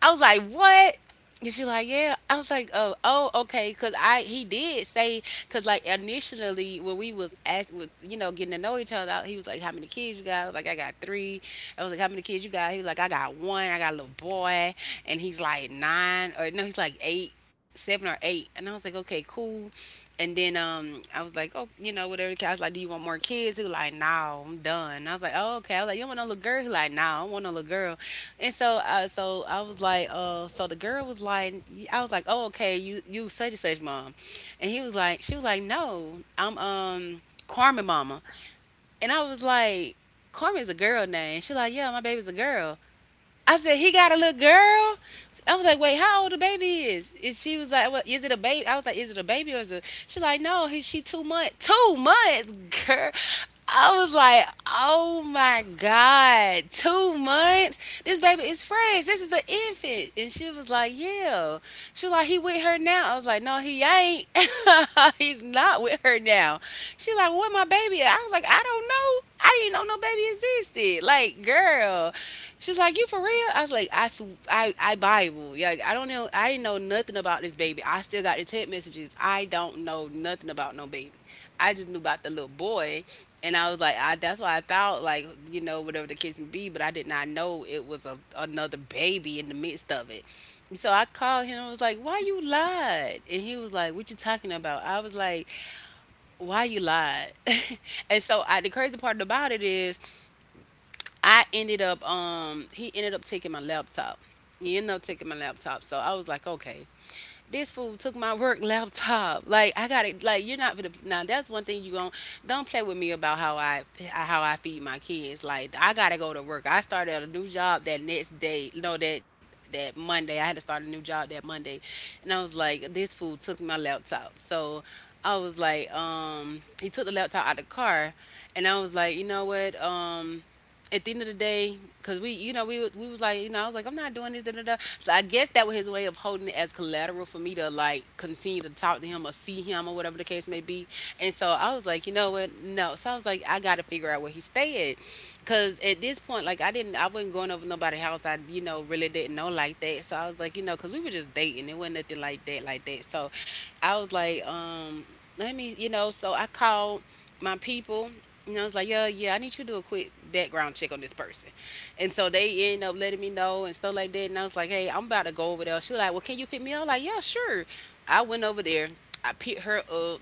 I was like, what? And she like, yeah. I was like, oh, oh, okay, cause I he did say, cause like initially when we was asked, with you know, getting to know each other, he was like, how many kids you got? I was like, I got 3. I was like, how many kids you got? He was like, I got 1. I got a little boy, and he's like nine or no, he's like seven or eight. And I was like, okay, cool. And then I was like, oh, you know, whatever. I was like, do you want more kids? He was like, no, I'm done. And I was like, oh, okay. I was like, you don't want no little girl? He was like, no, I don't want no little girl. And so, I was like, so the girl was like, I was like, oh, okay, you such and such mom, and she was like, no, I'm Carmen mama, and I was like, Carmen's a girl name. She like, yeah, my baby's a girl. I said, he got a little girl. I was like, wait, how old the baby is? And she was like, well, is it a baby? I was like, is it a baby or is it? She like, no, she two months. Two months, girl. I was like, oh my God, two months? This baby is fresh. This is an infant. And she was like, yeah. She was like, he with her now. I was like, no, he ain't. He's not with her now. She was like, where my baby at? I was like, I don't know. I didn't know no baby existed. Like, girl. She's like, "You for real?" I was like, "I Bible. Yeah, I don't know. I didn't know nothing about this baby. I still got the text messages. I don't know nothing about no baby. I just knew about the little boy, and I was like, I that's why I thought, like, you know, whatever the case may be, but I did not know it was a another baby in the midst of it. So I called him. I was like, "Why you lied?" And he was like, "What you talking about?" I was like, "Why you lied?" And the crazy part about it is I ended up he ended up taking my laptop. He ended up taking my laptop. So I was like, okay. This fool took my work laptop. Like, I got it. Like, you're not gonna. Now that's one thing you gon' don't play with me about, how I feed my kids. Like, I gotta go to work. I started a new job that next day. No, that Monday. I had to start a new job that Monday, and I was like, this fool took my laptop. So I was like, he took the laptop out of the car, and I was like, you know what, at the end of the day, because we was like, you know, I was like, I'm not doing this, da da da. So I guess that was his way of holding it as collateral for me to, like, continue to talk to him or see him or whatever the case may be. And so I was like, you know what, no. So I was like, I got to figure out where he stay at. Cause at this point, like, I wasn't going over nobody's house. I, you know, really didn't know like that. So I was like, you know, cause we were just dating. It wasn't nothing like that, like that. So I was like, let me, you know. So I called my people. And I was like, yeah, yeah, I need you to do a quick background check on this person. And so they end up letting me know and stuff like that. And I was like, hey, I'm about to go over there. She was like, well, can you pick me up? I was like, yeah, sure. I went over there. I picked her up,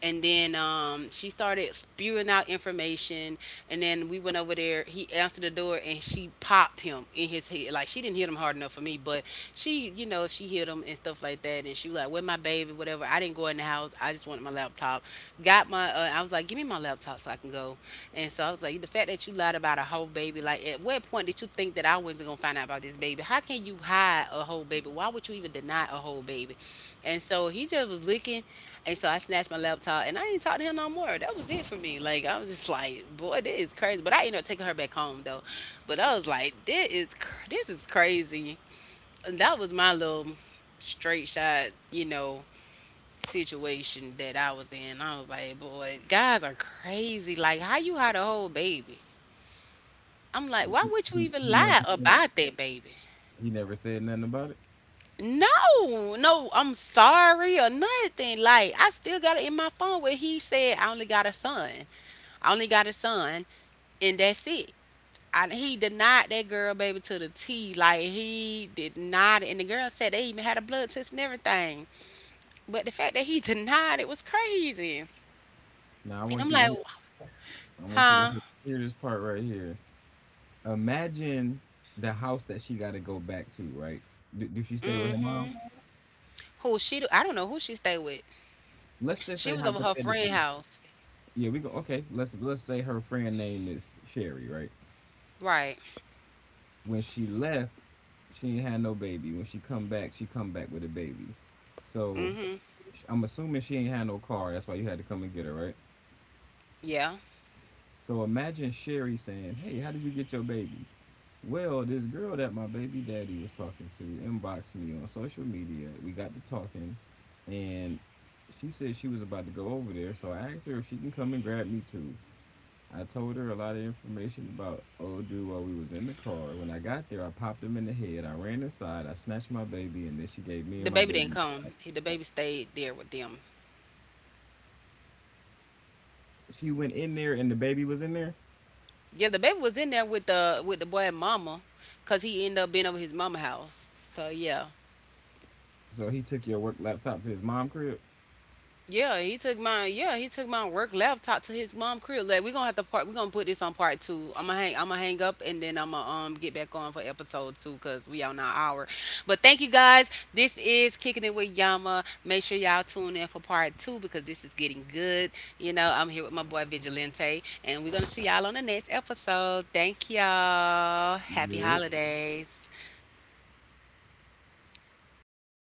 and then, she started spewing out information, and then we went over there. He answered the door and she popped him in his head. Like, she didn't hit him hard enough for me, but she, you know, she hit him and stuff like that, and she was like, where my baby, whatever. I didn't go in the house, I just wanted my laptop. Got my I was like, give me my laptop so I can go. And so I was like, the fact that you lied about a whole baby, like, at what point did you think that I wasn't gonna find out about this baby? How can you hide a whole baby? Why would you even deny a whole baby? And so he just was looking. And so I snatched my laptop and I ain't talk to him no more. That was it for me. Like, I was just like, boy, this is crazy. But I ended up taking her back home though. But I was like, this is crazy. And that was my little straight shot, you know, situation that I was in. I was like, boy, guys are crazy. Like, how you had a whole baby? I'm like,
He,
why would you
he,
even
he
lie
never said
about that baby?
he never said nothing about it.
No, no, I'm sorry or nothing. Like, I still got it in my phone where he said I only got a son. I only got a son, and that's it. He denied that girl, baby, to the T. Like, he did not, and the girl said they even had a blood test and everything. But the fact that he denied it was crazy.
Now I
And I'm
want you to
like,
hear, I want you to
huh?
hear this part right here. Imagine the house that she got to go back to, right? Do she stay with her
Mm-hmm.
mom?
Who she? I don't know who she stayed with.
Let's just
She
say
was over her friend
hypothetically.
house,
Yeah, we go, okay. Let's say her friend name is Sherry, right?
right?
When she left, she ain't had no baby. When she come back with a baby. So
Mm-hmm.
I'm assuming she ain't had no car. That's why you had to come and get her, right?
Yeah.
So imagine Sherry saying, "Hey, how did you get your baby?" Well, this girl that my baby daddy was talking to inboxed me on social media. We got to talking, and she said she was about to go over there. So I asked her if she can come and grab me too. I told her a lot of information about old dude while we was in the car. When I got there, I popped him in the head. I ran inside. I snatched my baby, and then she gave me
The
and my
baby didn't
baby.
come. The baby stayed there with them.
She went in there, and the baby was in there.
Yeah, the baby was in there with the boy and mama, cause he ended up being over his mama house. So yeah.
So he took your work laptop to his mom crib.
Yeah, he took my work laptop to his mom crib. Like, we're gonna put this on part two. I'ma hang up and then I'ma get back on for episode two because we on our hour. But thank you guys. This is Kicking It with Yama. Make sure y'all tune in for part two because this is getting good. You know, I'm here with my boy Vigilante and we're gonna see y'all on the next episode. Thank y'all. Happy
Yeah.
holidays.